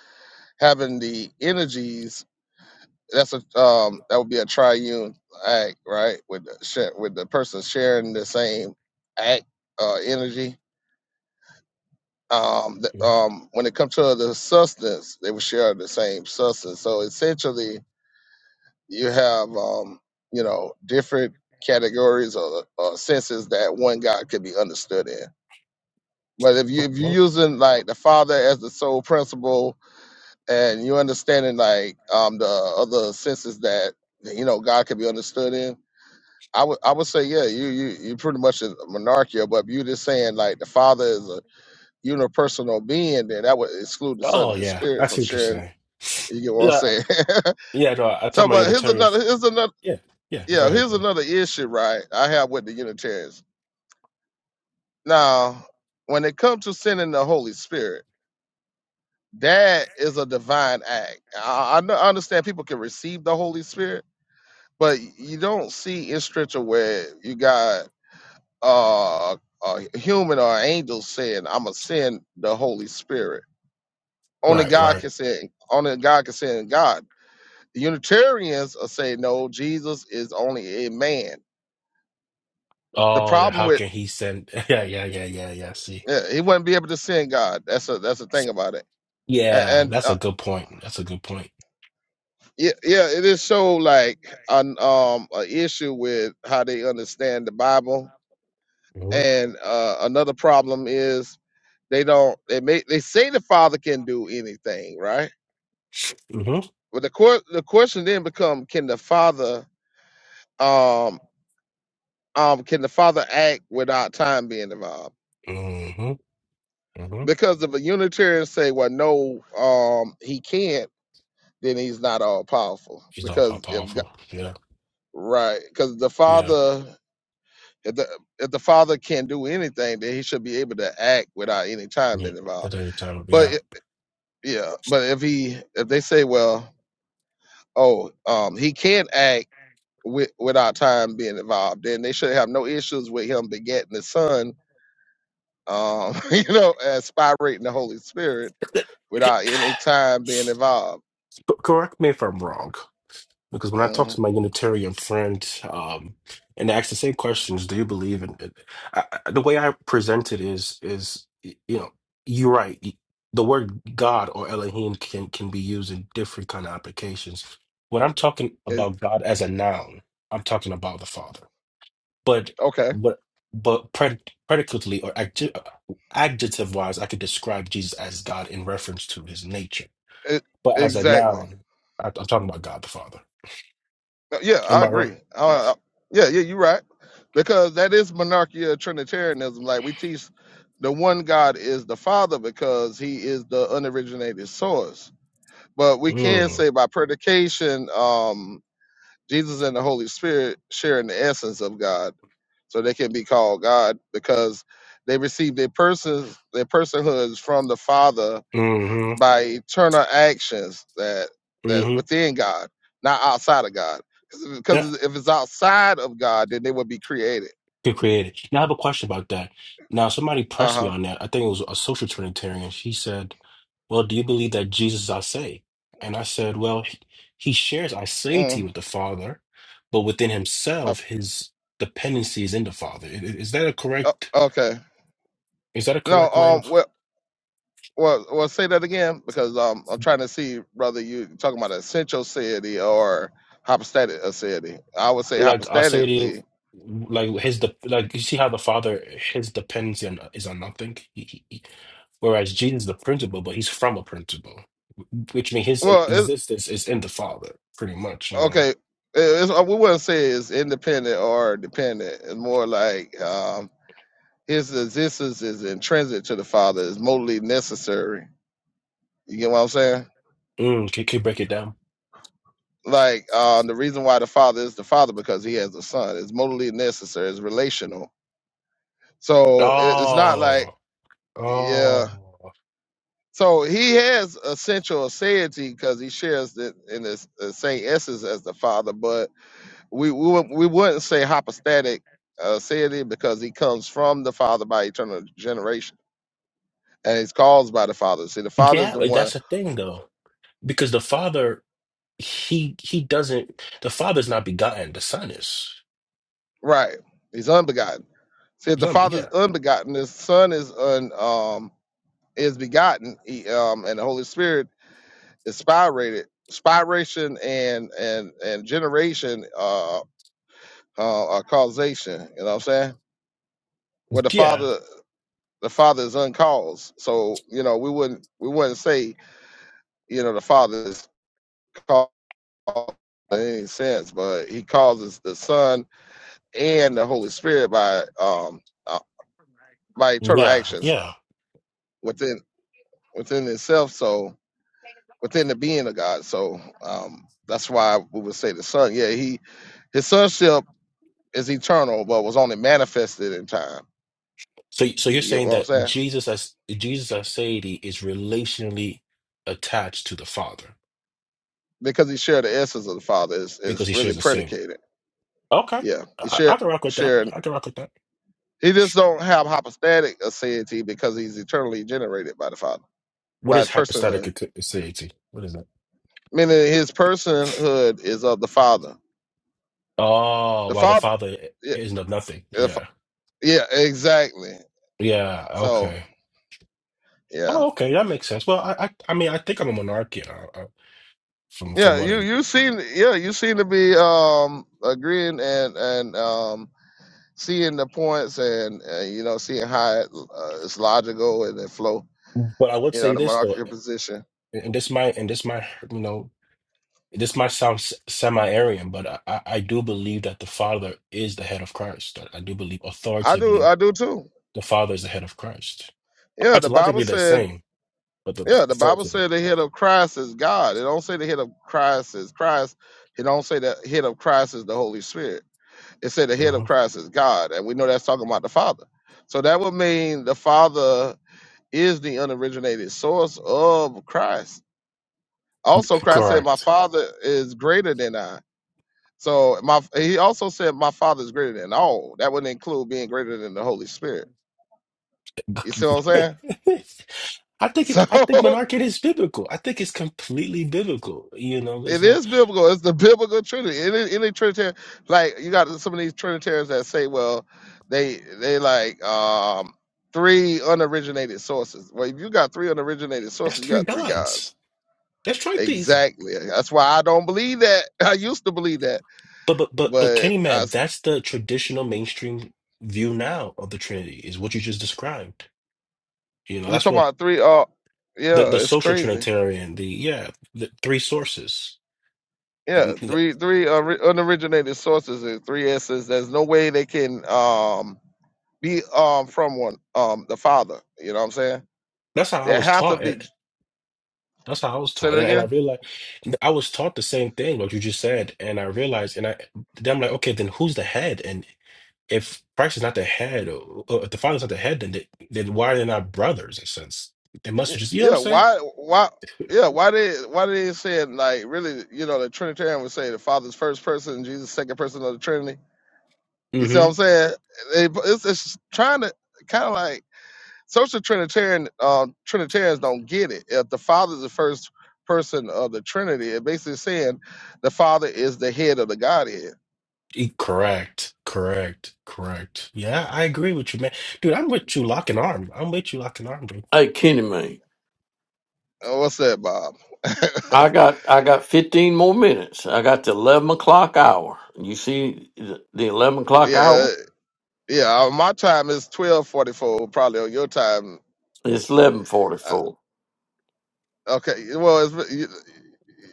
S1: having the energies, that's a um that would be a triune act, right? With the share, with the person sharing the same act uh energy. Um, th-
S3: hmm
S1: um when it comes to the substance, they would share the same substance. So essentially you have um, you know, different categories or, or senses that one God could be understood in. But if you
S3: Oh,
S1: if you're
S3: oh.
S1: using like the Father as the sole principle and you understanding like um the other senses that you know God can be understood in. I would I would say yeah, you you you pretty much is a monarchia, but if you just saying like the Father is a unipersonal being, then that would exclude the Son and
S3: Oh,
S1: the
S3: yeah, I
S1: Spirit from
S3: see what you're
S1: sharing.
S3: saying.
S1: You get what I'm
S3: Yeah,
S1: saying?
S3: yeah. No, I
S1: so,
S3: told my
S1: but here's
S3: Unitarian.
S1: another here's another
S3: Yeah, yeah. Go
S1: yeah
S3: ahead,
S1: here's
S3: go ahead.
S1: another issue right I have with the Unitarians. Now, when it comes to sending the Holy Spirit, that is a divine act. I, I know- I understand people can receive the Holy Spirit but you don't see in scripture where you got uh, a human or an angel saying, "I'm gonna send the Holy Spirit." Only
S3: Right,
S1: God
S3: right.
S1: can send. Only God can send God. The Unitarians are saying, "No, Jesus is only a man." The
S3: Oh, then
S1: problem
S3: how
S1: with
S3: can he send? Yeah, yeah, yeah, yeah, yeah. I See,
S1: yeah, he wouldn't be able to send God. That's a that's the thing about it. And,
S3: yeah,
S1: and
S3: that's
S1: uh,
S3: a good point. That's a good point.
S1: yeah, yeah, it is so like an um an issue with how they understand the Bible.
S3: Mm-hmm.
S1: And uh, another problem is They don't. They may. They say the father can do anything, right?
S3: Mm-hmm.
S1: But the court. The question then become: Can the father? Um. Um. Can the father act without time being involved?
S3: Mm-hmm. Mm-hmm.
S1: Because if a Unitarian say, "Well, no, um, he can't," then he's not all powerful.
S3: He's all pow-
S1: Because if Go-
S3: powerful. Yeah,
S1: right, because the
S3: yeah.
S1: father, if the if the father can do anything, then he should be able to act without any time
S3: Yeah,
S1: being involved.
S3: at any time.
S1: But
S3: Yeah.
S1: it- yeah, but if he if they say, "Well, oh, um, he can't act." with without time being involved, and they should have no issues with him begetting the son, um, you know, aspirating the Holy Spirit
S3: C-
S1: without any time being involved.
S3: correct me if I'm wrong, because when I talked
S1: hmm
S3: to my Unitarian friend, um, and I asked the same questions, do you believe in it? I, I- the way I present it is, is y- you know, you're right. Y- The word God or Elohim can can be used in different kind of applications. When I'm talking
S1: Is
S3: about God as a noun, I'm talking about the Father. But
S1: okay,
S3: what, but pred, predicately or adjective wise, I could describe Jesus as God in reference to his nature
S1: it,
S3: But as a
S1: exactly.
S3: noun, I, I'm talking about God the Father.
S1: Uh, Yeah,
S3: Am
S1: I
S3: I right?
S1: agree. Uh, uh, yeah, yeah, you're right, because that is monarchy of Trinitarianism. Like we teach, the one God is the Father because He is the unoriginated source. But we can
S3: Mm,
S1: say by predication. Um, Jesus and the Holy Spirit share in the essence of God, so they can be called God because they receive their persons, their personhoods from the Father
S3: mm-hmm.
S1: by eternal actions that that
S3: Mm-hmm.
S1: within God, not outside of God.
S3: Yeah.
S1: Because if it's outside of God, then they would be created.
S3: Good created. Now I have a question about that. Now somebody
S1: Uh
S3: pressed me
S1: huh.
S3: on that. I think it was a social Trinitarian. She said, Well, do you believe that Jesus is our say? And I said, Well, he, he shares our satiety
S1: Mm,
S3: with the Father, but within
S1: uh,
S3: himself, his dependency is in the Father. I- i- Is that a correct
S1: okay.
S3: is that a
S1: No.
S3: correct way to?"
S1: Um. well, Well, well, say that again because um, I'm trying to see whether you talking about essential city or hypostatic acidity. I would say
S3: like I say to you,
S1: hypostatically.
S3: like his de like you see how the father his dependency on, is on nothing, he, he, he- whereas Jesus is the principle, but he's from a principle, which means his
S1: Well, it's
S3: existence is in the father, pretty much. You know,
S1: okay. it- It's, uh, we wouldn't say it's independent or dependent. It's more like um, his existence is intrinsic to the Father. It's mostly necessary. You get what I'm saying?
S3: mm, can can you break it down?
S1: Like um, the reason why the Father is the Father because he has a Son. It's mostly necessary. It's relational. So it, it's not like
S3: Oh,
S1: yeah.
S3: oh,
S1: So he has essential aseity because he shares the, in the, the same essence as the Father, but we we, wou- we wouldn't say hypostatic aseity because he comes from the Father by eternal generation and he's caused by the Father. See, the Father is
S3: yeah,
S1: the
S3: like
S1: one,
S3: that's the thing though, because the father he he doesn't the father's not begotten, the son is.
S1: right? He's unbegotten. See, if the Father is
S3: Yeah,
S1: unbegotten, the Son is un um is begotten, he, um, and the Holy Spirit is spirated. Spiration and and and generation uh, uh, are causation. You know what I'm saying? where the
S3: yeah,
S1: father the father is uncaused. So you know we wouldn't we wouldn't say you know the father is caused in any sense, but he causes the son and the Holy Spirit by um uh, by eternal
S3: yeah,
S1: actions
S3: yeah.
S1: within within itself. So within the being of God. So um that's why we would say the son. Yeah, he his sonship is eternal, but was only manifested in time.
S3: So, so you're
S1: You know
S3: saying
S1: what I'm
S3: that
S1: saying?
S3: Jesus as Jesus as deity is relationally attached to the Father
S1: Because he shared the essence of the Father is
S3: because
S1: is
S3: he
S1: really
S3: shares the same.
S1: predicated.
S3: Okay,
S1: Yeah,
S3: I, I
S1: share
S3: can rock with that.
S1: sharing.
S3: I can rock with that.
S1: He just don't have hypostatic aseity because he's eternally generated by the Father,
S3: What
S1: by
S3: is
S1: his
S3: hypostatic
S1: personhood.
S3: ate- aseity? What is that?
S1: Meaning his personhood is of the Father.
S3: Oh,
S1: The
S3: well, the
S1: Father,
S3: Father
S1: yeah,
S3: isn't of nothing.
S1: the fa-
S3: Yeah,
S1: yeah, exactly.
S3: yeah.
S1: So
S3: Okay.
S1: yeah,
S3: Oh, okay. That makes sense. Well, I, I, I mean, I think I'm a monarchian uh, uh, from from
S1: yeah.
S3: what it.
S1: You you seem yeah you seem to be um agreeing and and um seeing the points and, and you know seeing how it, uh, it's logical and it flow.
S3: But I would
S1: You know
S3: say
S1: the
S3: this though,
S1: monarchical position.
S3: and this might, and this might, you know. This might sound s- semi-Aryan, but I, I I do believe that the Father is the head of Christ. I I do believe
S1: I do
S3: authoritatively
S1: I do too.
S3: the Father is the head of Christ.
S1: Yeah, the Bible
S3: Ontologically, they're
S1: said.
S3: same, but the
S1: Yeah, the Bible
S3: authoritatively.
S1: said the head of Christ is God. It don't say the head of Christ is Christ. It don't say the head of Christ is the Holy Spirit. It said the head of
S3: Mhm.
S1: Christ is God, and we know that's talking about the Father. So that would mean the Father is the unoriginated source of Christ. Also, Christ said, "My
S3: Correct.
S1: Father is greater than I." So my he also said, "My Father is greater than all." That would include being greater than the Holy Spirit. You see what I'm saying?
S3: I think
S1: So
S3: it, I think monarchy is biblical. I think it's completely biblical. You know, there's
S1: It
S3: no
S1: is biblical. It's the biblical Trinity. Any, any Trinitarian, like you got some of these Trinitarians that say, well, they they like um three unoriginated sources. Well, if you got three unoriginated
S3: that's
S1: sources, you
S3: three
S1: got three
S3: gods.
S1: gods.
S3: That's tritheism.
S1: Exactly. That's why I don't believe that. I used to believe that,
S3: But but but but
S1: but
S3: Kenny
S1: I
S3: man, that's the traditional mainstream view now of the Trinity is what you just described. You know,
S1: you
S3: that's
S1: talking
S3: what
S1: about three? Uh,
S3: the
S1: yeah,
S3: the
S1: it's
S3: social
S1: crazy.
S3: Trinitarian, the yeah, the three sources.
S1: Yeah, three
S3: That's
S1: three unri- unoriginated sources and three essence. There's no way they can um be um from one um the Father. You know what I'm saying?
S3: how I
S1: It
S3: was
S1: have to
S3: taught.
S1: be.
S3: and That's how I was
S1: Say it
S3: taught, and, and I
S1: again.
S3: realized I was taught the same thing what you just said, and I realized, and I then I'm like, okay, then who's the head? And if Christ is not the head, or, or if the Father's not the head, then they, then why are they not brothers? In a sense, they must
S1: Y-
S3: have just you know what I'm
S1: Yeah.
S3: saying.
S1: Why? Why? Yeah. Why did? Why did he say it like really? You know, the Trinitarian would say the Father's first person, Jesus second person of the Trinity. You see what
S3: Mm-hmm.
S1: I'm saying? They- It's, it's trying to kind of like social Trinitarian uh, Trinitarians don't get it. If the Father's the first person of the Trinity, it basically saying the Father is the head of the Godhead.
S3: Correct. Correct. Correct. Yeah, I agree with you, man. Dude, I'm with you lock and arm. I'm with you lock and arm, dude.
S2: Hey, kidding me?
S1: Uh, What's that, Bob?
S2: I got I got fifteen more minutes. I got the eleven o'clock hour. You see the the eleven o'clock hour?
S1: yeah, yeah. uh, My time is twelve forty-four, probably on your time.
S2: It's eleven forty four.
S1: Okay. Well, it's, you,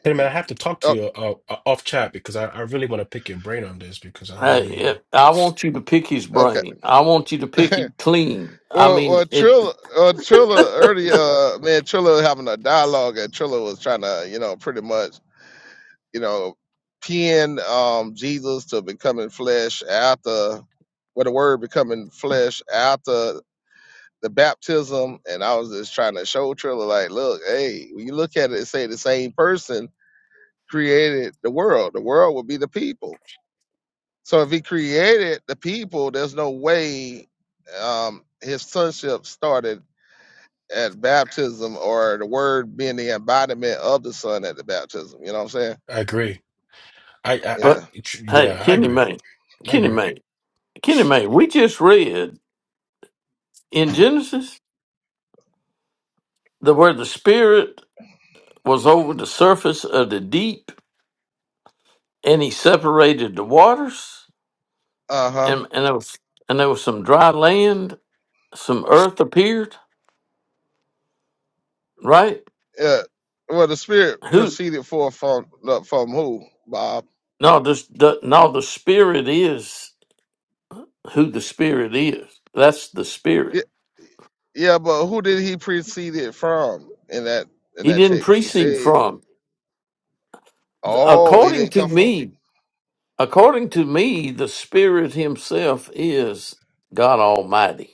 S3: Hey man,
S1: you-
S3: I have to talk to
S1: oh,
S3: you uh, uh, off chat because I, I really want to pick your brain on this because I
S2: Hey,
S3: really, you know,
S2: it, I want you to pick his
S1: okay.
S2: brain. I want you to pick it clean. I
S1: well,
S2: mean
S1: well,
S2: it.
S1: Trilla, well, Trilla early, uh, man, Trilla having a dialogue, and Trilla was trying to, you know, pretty much, you know, pin um Jesus to becoming flesh after, with the word becoming flesh after the baptism, and I was just trying to show Trilla, like, look, hey, when you look at it, and say the same person created the world. The world would be the people. So if he created the people, there's no way um, his sonship started at baptism or the word being the embodiment of the son at the baptism. You know what I'm saying?
S3: I agree. I, I, I
S2: But
S1: Yeah.
S3: it's-
S2: hey,
S3: yeah, I
S2: Kenny
S3: agree.
S2: me?
S3: I
S2: Kenny
S3: agree.
S2: me? Kenny May, we just read in Genesis that where the Spirit was over the surface of the deep and he separated the waters
S1: Uh huh.
S2: and, and there was and there was some dry land, some earth appeared, right?
S1: Yeah. Well, the spirit
S2: Who
S1: proceeded forth from from who, Bob?
S2: no this the, no the spirit is who the spirit is. That's the spirit.
S1: Yeah, yeah, but who did he precede it from in that in
S2: He
S1: that
S2: didn't
S1: text? You
S2: precede
S1: say,
S2: from.
S1: oh, he
S2: According
S1: didn't
S2: to
S1: come from.
S2: me, according to me, the spirit himself is God Almighty.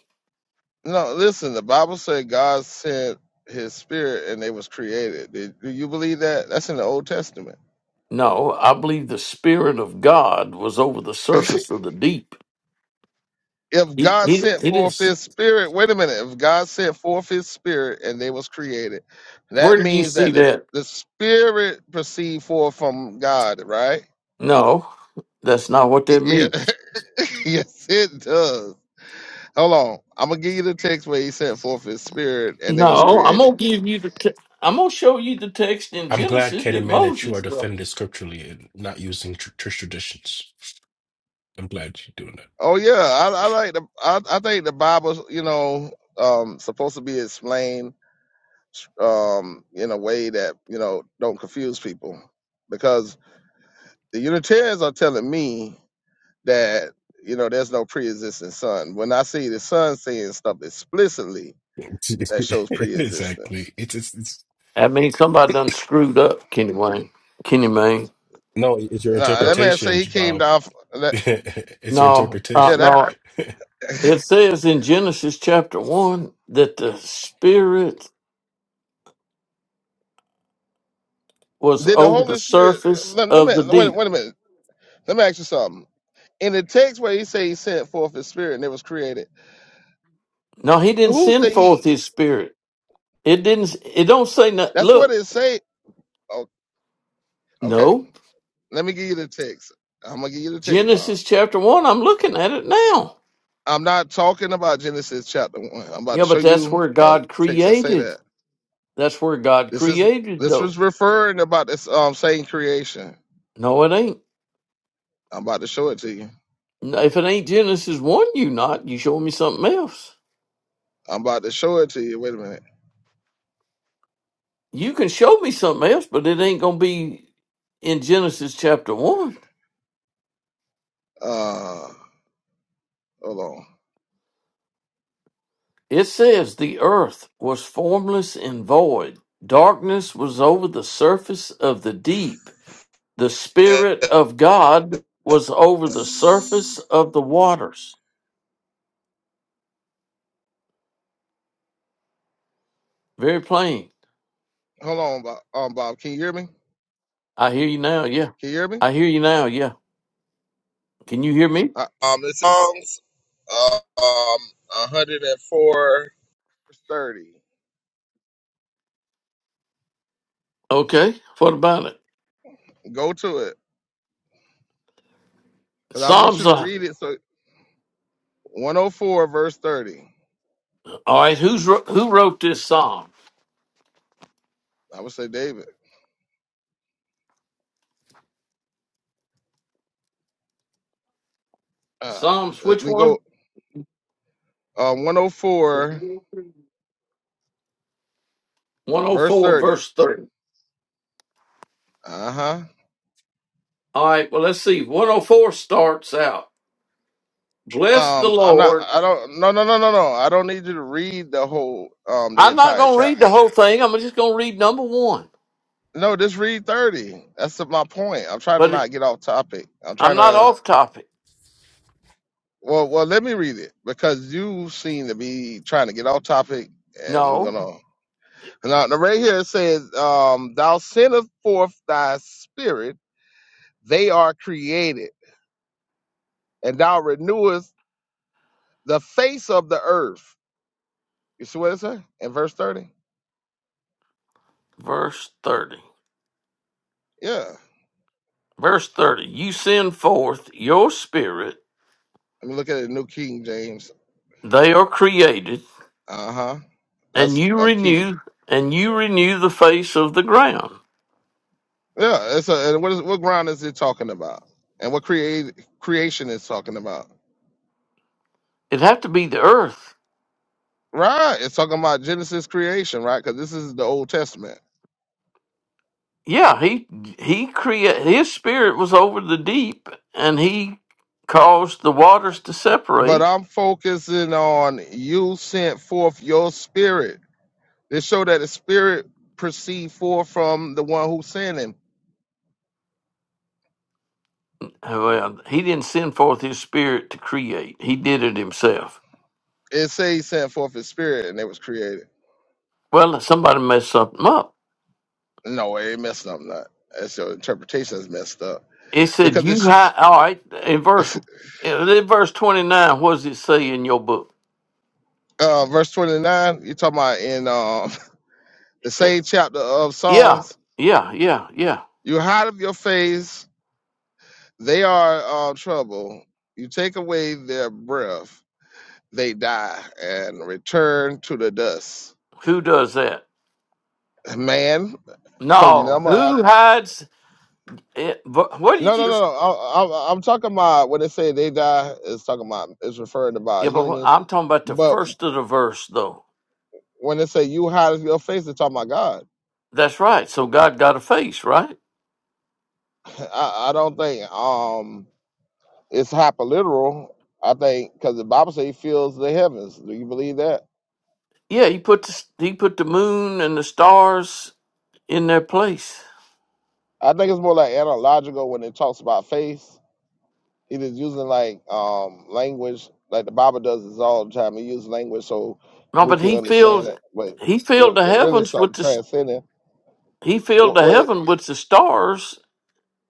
S1: No, listen. The Bible said God sent His Spirit, and they was created. Did- Do you believe that? That's in the Old Testament.
S2: No, I believe the Spirit of God was over the surface
S1: if
S2: of the deep. He,
S1: God
S2: he,
S1: sent
S2: he didn't.
S1: forth
S2: s-
S1: His Spirit, wait a minute. If God sent forth His Spirit, and they was created, that
S2: Where did you
S1: means
S2: see
S1: that the
S2: that?
S1: the Spirit proceed forth from God, right?
S2: No, that's not what that
S1: Yeah.
S2: means.
S1: yes, it does. Hold on. I'm gonna give you the text where He sent forth His Spirit, and they was
S2: No, I'm
S1: created.
S2: gonna give you the. Te- I'm gonna show you the text in
S3: I'm glad,
S2: Genesis
S3: Kenny
S2: that
S3: man, that you are
S2: Moses wrote.
S3: defending this scripturally and not using tr church traditions. I'm glad you're doing that.
S1: Oh yeah, I, I like the. I, I think the Bible's you know um, supposed to be explained um, in a way that you know don't confuse people, because the Unitarians are telling me that you know there's no pre-existing son. When I see the son saying stuff explicitly that shows pre-existence,
S3: Exactly. It's, it's it's
S2: I mean, somebody done screwed up, Kenny Wayne, Kenny Mayne.
S3: no, it's your
S1: nah, that man say
S3: interpretation,
S1: he came
S3: Bob.
S1: down. f that,
S3: It's your
S2: No, uh,
S1: yeah,
S3: interpretation.
S1: that
S2: no. It says in Genesis chapter one that the Spirit was
S1: did the
S2: over the
S1: Holy Spirit.
S2: surface
S1: Let, let me
S2: of the
S1: wait.
S2: deep.
S1: Wait a minute. Let me ask you something. In the text where he say he sent forth his spirit and it was created
S2: No, he didn't
S1: Who's the
S2: send forth
S1: he?
S2: his Spirit. It didn't. It don't say no,
S1: That's what
S2: look.
S1: it say. Oh, okay.
S2: No,
S1: Let me give you the text. I'm gonna give you the text, Bob.
S2: Genesis chapter one. I'm looking at it now.
S1: I'm not talking about Genesis chapter one. I'm about to
S2: Yeah,
S1: show
S2: but that's
S1: you
S2: where
S1: a
S2: God
S1: text that say
S2: created.
S1: that.
S2: That's where God
S1: This is
S2: created,
S1: this
S2: though.
S1: was referring about this um saying creation.
S2: No, it ain't.
S1: I'm about to show it to you.
S2: If it ain't Genesis one, you not. You show me something else.
S1: I'm about to show it to you. Wait a minute.
S2: You can show me something else, but it ain't gonna be in Genesis chapter one.
S1: Uh, hold on.
S2: It says the earth was formless and void. Darkness was over the surface of the deep The
S1: Eh,
S2: Spirit of God was over the surface of the waters. Very plain.
S1: Hold on, Bob. Um, Bob, can you hear me?
S2: I hear you now. Yeah.
S1: Can you hear me?
S2: I hear you now. Yeah. Can you hear me?
S1: Uh, um, it's Psalms, uh, um, 104 30.
S2: Okay. What about it?
S1: Go to it because I want
S2: Psalms.
S1: you to
S2: Uh,
S1: read it. So 104 verse 30.
S2: all right. Who's wr- who wrote this psalm?
S1: I would say David. Uh,
S2: Psalms.
S1: let
S2: Which
S1: me
S2: one?
S1: go. Uh, 104
S2: One hundred
S1: verse
S2: four,
S1: 30.
S2: verse three.
S1: Uh huh.
S2: All right. Well, let's see. One hundred four starts out. Bless the
S1: Um, I'm not.
S2: Lord.
S1: I don't. No, no, no, no, no. I don't need you to read the whole um the
S2: I'm not
S1: entire
S2: going to
S1: chapter.
S2: read the whole thing. I'm just going to read number one.
S1: No, just read 30. That's my point. I'm trying to
S2: But it,
S1: not get off topic. I'm
S2: I'm
S1: trying
S2: not
S1: to.
S2: off topic.
S1: Well, well, let me read it because you seem to be trying to get off topic, and we're
S2: No.
S1: gonna Now, now right here it says, um, Thou sendest forth thy spirit, they are created, and thou renewest the face of the earth. You see what it says in verse 30?
S2: Verse thirty.
S1: Yeah.
S2: Verse 30 You send forth your spirit,
S1: Let me look at it, New King James.
S2: they are created,
S1: Uh huh.
S2: and
S1: That's
S2: you
S1: um, King.
S2: renew and you renew the face of the ground.
S1: Yeah. It's a, and what, is, what ground is it talking about? And what create, creation is talking about?
S2: It'd have to be the earth.
S1: Right. It's talking about Genesis creation, right? Because this is the Old Testament.
S2: Yeah, he he create his spirit was over the deep and he caused the waters to
S1: But
S2: separate.
S1: I'm focusing on you sent forth your spirit It show that the spirit proceed forth from the one who sent him.
S2: Well, he didn't send forth his spirit to create. He did it himself.
S1: It say he sent forth his spirit and it was created.
S2: Well, somebody messed something up.
S1: No, it messed up. Not that's your interpretation is messed up
S2: It said
S1: because
S2: you
S1: it's
S2: hi all right, in verse in verse 29 what does it say in your book?
S1: uh, verse twenty nine. You talking about in um, the same chapter of
S2: Yeah,
S1: Psalms.
S2: yeah, yeah, yeah.
S1: You hide of your face; they are uh, trouble. You take away their breath; they die and return to the dust.
S2: Who does that?
S1: Man, because
S2: No,
S1: remember
S2: who hides it? But What
S1: No,
S2: did
S1: no,
S2: you?
S1: no, no. I, I, I'm talking about when they say they die. It's talking about it's referring about
S2: Yeah, but what-
S1: humans,
S2: I'm talking about the
S1: but
S2: first of the verse, though.
S1: when they say you hide your face, it's talking about God.
S2: That's right. So God got a face, right?
S1: I, I don't think um it's hyperliteral. I think because the Bible says He fills the heavens. Do you believe that?
S2: Yeah, he put the, he put the moon and the stars in their place.
S1: I think it's more like analogical when it talks about face. It is using like um language, like the Bible does this all the time. It uses language so
S2: No,
S1: we
S2: but
S1: can
S2: he
S1: understand it,
S2: filled
S1: but
S2: he filled
S1: re-
S2: the
S1: it really is
S2: heavens with
S1: something
S2: the s-
S1: transcendent.
S2: he filled the heaven with the stars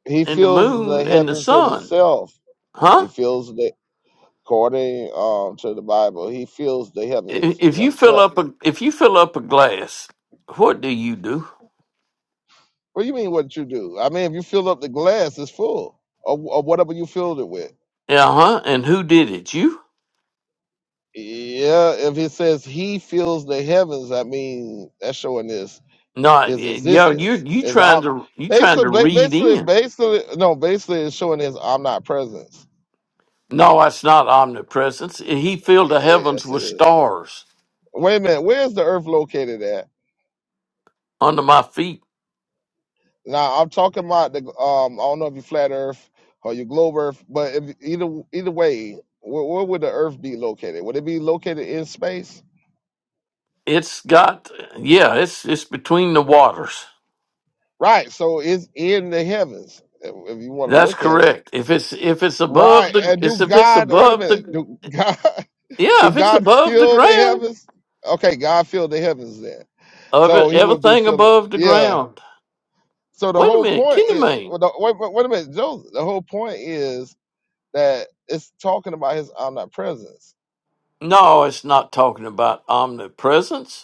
S1: He
S2: and the
S1: fills the
S2: moon and the
S1: heavens
S2: sun,
S1: himself.
S2: huh?
S1: He fills, the according um, to the Bible. He fills the
S2: I-
S1: heavens
S2: If you fill
S1: himself.
S2: up a if you fill up a glass, what do you do?
S1: What do you mean? What you do? I mean, if you fill up the glass, it's full, or, or whatever you filled it with.
S2: Uh huh. And who did it? You?
S1: Yeah. If it says he fills the heavens, I mean that's showing this
S2: not?
S1: his
S2: Yeah. You
S1: existence.
S2: you
S1: Is
S2: trying
S1: om-
S2: to you trying to
S1: basically
S2: read
S1: basically
S2: in?
S1: basically no basically it's showing his omnipresence.
S2: No, that's not omnipresence. He filled the
S1: Y-
S2: heavens
S1: Yes,
S2: with
S1: it is.
S2: stars
S1: Wait a minute. Where's the earth located at?
S2: under my feet.
S1: Now I'm talking about the um. I don't know if you flat Earth or you globe Earth, but if, either either way, where, where would the Earth be located? Would it be located in space?
S2: It's got yeah. It's it's between the waters.
S1: Right. So it's in the heavens if, if you want to
S2: That's
S1: look at it.
S2: correct. If it's if it's above
S1: Right.
S2: the
S1: And do
S2: it's if it's
S1: God? Wait a
S2: above
S1: minute.
S2: the
S1: Do God?
S2: yeah
S1: Do
S2: if it's
S1: God
S2: above the
S1: fill the
S2: ground
S1: heavens? Okay, God filled the heavens then,
S2: of
S1: so
S2: it
S1: He would be
S2: everything
S1: filling.
S2: above the
S1: Yeah.
S2: ground.
S1: So the
S2: Wait a
S1: whole
S2: minute,
S1: point
S2: Kenny
S1: is.
S2: mean?
S1: Well, the, Wait, wait, wait a minute, Joseph. The whole point is that it's talking about His omnipresence
S2: No, it's not talking about omnipresence.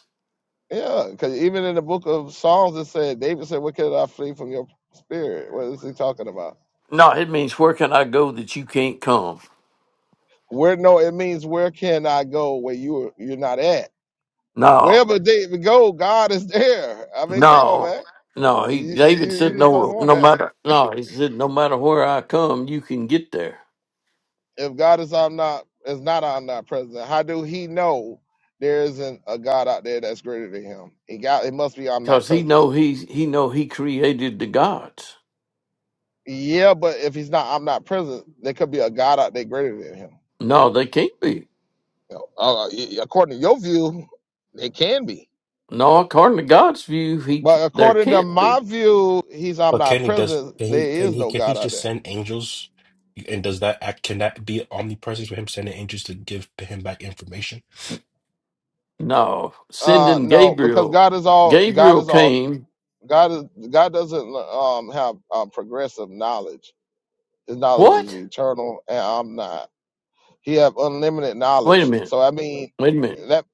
S1: Yeah, because even in the book of Psalms, it said, David said, Where can I flee from your spirit? What is he talking about?
S2: No, it means where can I go that you can't come?
S1: Where no, it means where can I go where you you're not at?
S2: No,
S1: Wherever David go, God is there. I mean, come on,
S2: no,
S1: man.
S2: no. He
S1: You
S2: David
S1: you, you
S2: said
S1: just don't
S2: no,
S1: want
S2: no
S1: that.
S2: matter no. He said no matter where I come, you can get there
S1: If God is I'm not is not omnipresent, how do he know there isn't a God out there that's greater than him? He got it must be
S2: because he
S1: omnipresent.
S2: know he he know he created the gods.
S1: Yeah, but if he's not omnipresent, there could be a God out there greater than him.
S2: No, they can't be.
S1: Uh, according to your view, they can be.
S2: No, according to God's view, he
S1: But
S2: c- there
S1: according to
S2: can't
S1: my
S2: be.
S1: view, he's
S3: But can he does
S1: omnipresent.
S3: can
S1: There
S3: he can
S1: is
S3: he
S1: no
S3: can he
S1: God out
S3: just
S1: there.
S3: send angels? And does that act can that be omnipresence for him sending angels to give him back information?
S2: No,
S1: Uh,
S2: sending
S1: no, because
S2: Gabriel.
S1: God is all. God
S2: Gabriel
S1: is all.
S2: came.
S1: God is. God doesn't um have um, progressive knowledge. His knowledge is
S2: What?
S1: eternal, and I'm not. He have unlimited
S2: Wait a
S1: knowledge.
S2: minute.
S1: So I mean,
S2: Wait a minute.
S1: that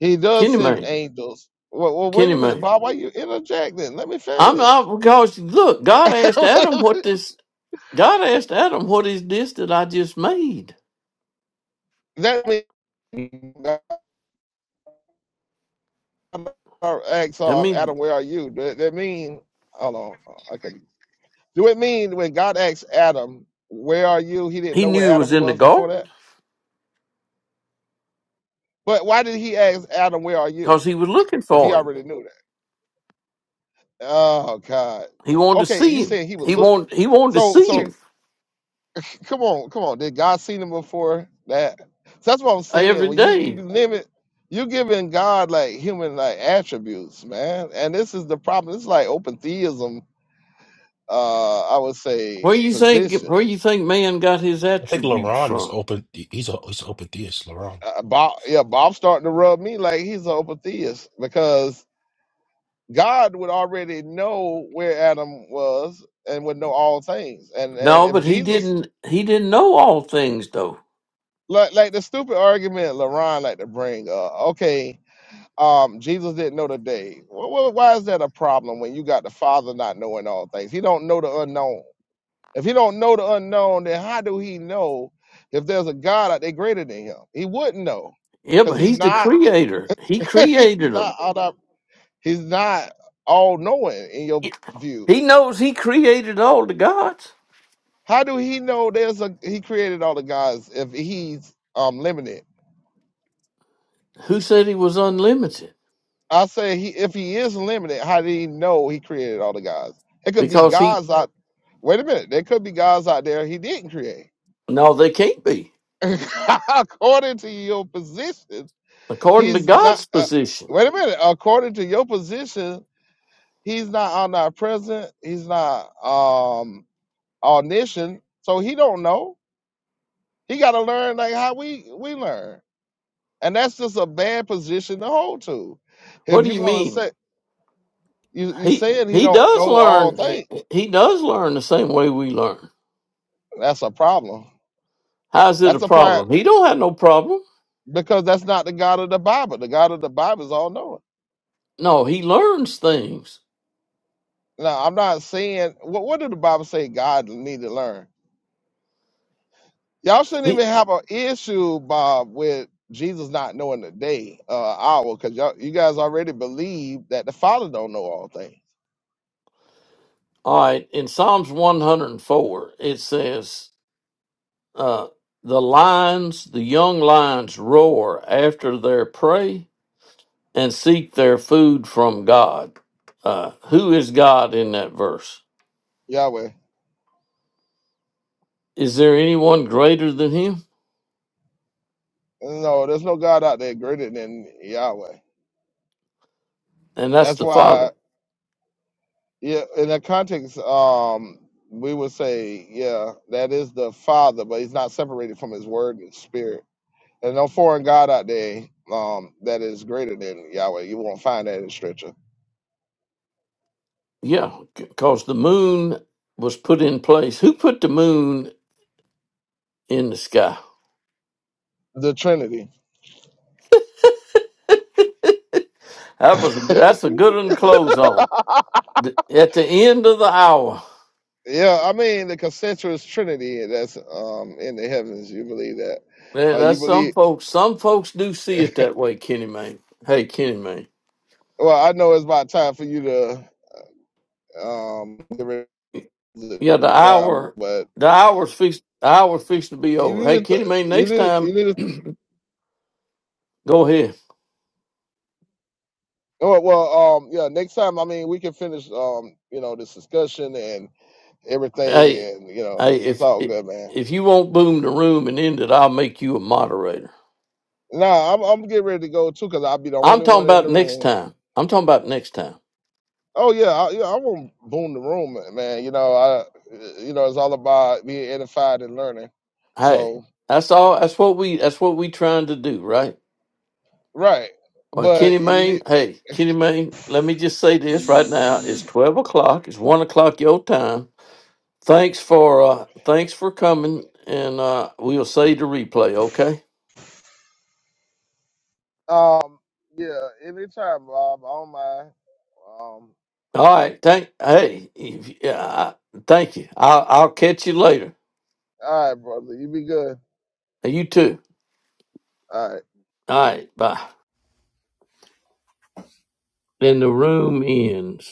S1: he does
S2: Kenny
S1: send
S2: Mayne.
S1: angels. Well, well wait
S2: Kenny
S1: a minute,
S2: Mayne.
S1: Bob. Why you interjecting? Let me
S2: I'm
S1: finish.
S2: not because look, God asked
S1: that
S2: Adam what this God asked Adam, What is this that I just made?
S1: means asks
S2: I
S1: um,
S2: mean,
S1: Adam, "Where are you?" That, that mean, hold on, I could. be- Do it mean when God asked Adam, "Where are you?" He didn't
S2: he
S1: know
S2: knew
S1: where
S2: he was
S1: Adam
S2: in the
S1: was before
S2: garden
S1: that. But why did He ask Adam, "Where are you?"
S2: because he was looking
S1: If He
S2: for him.
S1: already knew that. Oh God.
S2: He
S1: W-
S2: wanted to
S1: Okay, you
S2: see him.
S1: saying He would
S2: He
S1: look?
S2: wanted he wanted to
S1: So,
S2: see
S1: so
S2: him
S1: c- come on, come on. Did God see him before that? So that's what I'm saying.
S2: every
S1: When you you
S2: day.
S1: limit. You giving God like human like attributes, man, and this is the problem. It's like open theism uh, I would say
S2: Where you think
S1: position.
S2: where you think man got his
S3: I think
S2: attributes
S3: LaRon is
S2: from?
S3: open. He's a he's an open theist. LaRon.
S1: Uh, uh, Bob, yeah, Bob starting to rub me like he's an open theist because God would already know where Adam was and would know all things. And and
S2: No,
S1: if
S2: but he
S1: Jesus,
S2: didn't he didn't know all things though.
S1: like, like the stupid argument LaRon like to bring, uh, okay, um, Jesus didn't know the day. Well, why is that a problem when you got the Father not knowing all things? He don't know the unknown. If he don't know the unknown, then how do he know if there's a God out there greater than him? He wouldn't know
S2: Yeah,
S1: because
S2: but
S1: he's
S2: he's the
S1: not
S2: creator. He
S1: he's
S2: created
S1: not
S2: them.
S1: all up, he's not all knowing in your view.
S2: He knows he created all the gods.
S1: How do he know there's a he created all the gods if he's um limited?
S2: Who said he was unlimited?
S1: I say he if he is limited, how do he know he created all the gods? It could be
S2: Because he
S1: gods out wait a minute, there could be gods out there he didn't create.
S2: no, they can't be.
S1: According to your position,
S2: According to
S1: He's not.
S2: God's
S1: Uh,
S2: position.
S1: wait a minute. According to your position, he's not omnipresent. He's not um omniscient. So he don't know. He got to learn like how we we learn, and that's just a bad position to hold to.
S2: What
S1: If
S2: do
S1: you're
S2: you
S1: gonna
S2: mean?
S1: say you you
S2: He
S1: saying he
S2: he
S1: don't
S2: does
S1: know all
S2: learn. He,
S1: things,
S2: he does learn the same way we learn.
S1: that's a problem.
S2: How's it a
S1: That's a plan
S2: problem? He don't have no problem.
S1: because that's not the God of the Bible. The God of the Bible is all knowing.
S2: No, he learns things.
S1: Now I'm not saying what what did the Bible say God need to learn? Y'all shouldn't
S2: He
S1: even have an issue, Bob, with Jesus not knowing the day, uh, hour, because y'all you guys already believe that the Father don't know all things.
S2: all right. In Psalms one hundred and four, it says, uh, "The lions, the young lions, roar after their prey and seek their food from God." Uh, who is God in that verse?
S1: Yahweh.
S2: Is there anyone greater than Him?
S1: No, there's no God out there greater than Yahweh.
S2: And that's
S1: That's
S2: the Father.
S1: why, yeah, in that context, um, we would say, yeah, that is the Father, but he's not separated from his word and spirit. There's no foreign God out there um, that is greater than Yahweh. You won't find that in scripture.
S2: Yeah, because the moon was put in place. Who put the moon in the sky?
S1: The Trinity.
S2: That was that's a good one to close on. Th- At the end of the hour,
S1: Yeah, I mean the concentric trinity that's um in the heavens. You believe that?
S2: Man,
S1: How you
S2: that's some
S1: believe?
S2: folks. Some folks do see it that way, Kenny man. Hey, Kenny man.
S1: Well, I know it's about time for you to um get rid of it
S2: Yeah, the
S1: down,
S2: hour,
S1: but
S2: the hour's fixed. The hour's fixed to be
S1: you
S2: over. Hey,
S1: need to
S2: Kenny
S1: th-
S2: man.
S1: you
S2: Next
S1: need
S2: time,
S1: you need to.
S2: go ahead.
S1: Oh well, um, yeah. Next time, I mean, we can finish um, you know, this discussion and everything,
S2: Hey,
S1: and you know,
S2: hey,
S1: it's
S2: if
S1: all good, man.
S2: if you won't boom the room and end it, I'll make you a moderator.
S1: Nah, I'm I'm getting ready to go too, cause I'll be the
S2: I'm
S1: only
S2: talking
S1: one in
S2: about
S1: the
S2: next
S1: room.
S2: time. I'm talking about next time.
S1: Oh yeah, I, yeah. I won't boom the room, ma- man. You know, I, you know, it's all about being edified and learning.
S2: Hey,
S1: So
S2: that's all. That's what we. That's what we trying to do, right?
S1: right,
S2: Well,
S1: but
S2: Kenny
S1: you
S2: Mayne.
S1: need,
S2: Hey, Kenny Mayne. Let me just say this right now. It's twelve o'clock. It's one o'clock your time. Thanks for uh thanks for coming, and uh we'll save the replay. Okay.
S1: um, yeah, anytime, Bob. I don't mind. Um,
S2: All right. Thank. Hey. If, yeah. I, thank you. I'll I'll catch you later.
S1: all right, brother, you be good.
S2: Hey, You too.
S1: All right.
S2: All right. Bye. Then the room ends.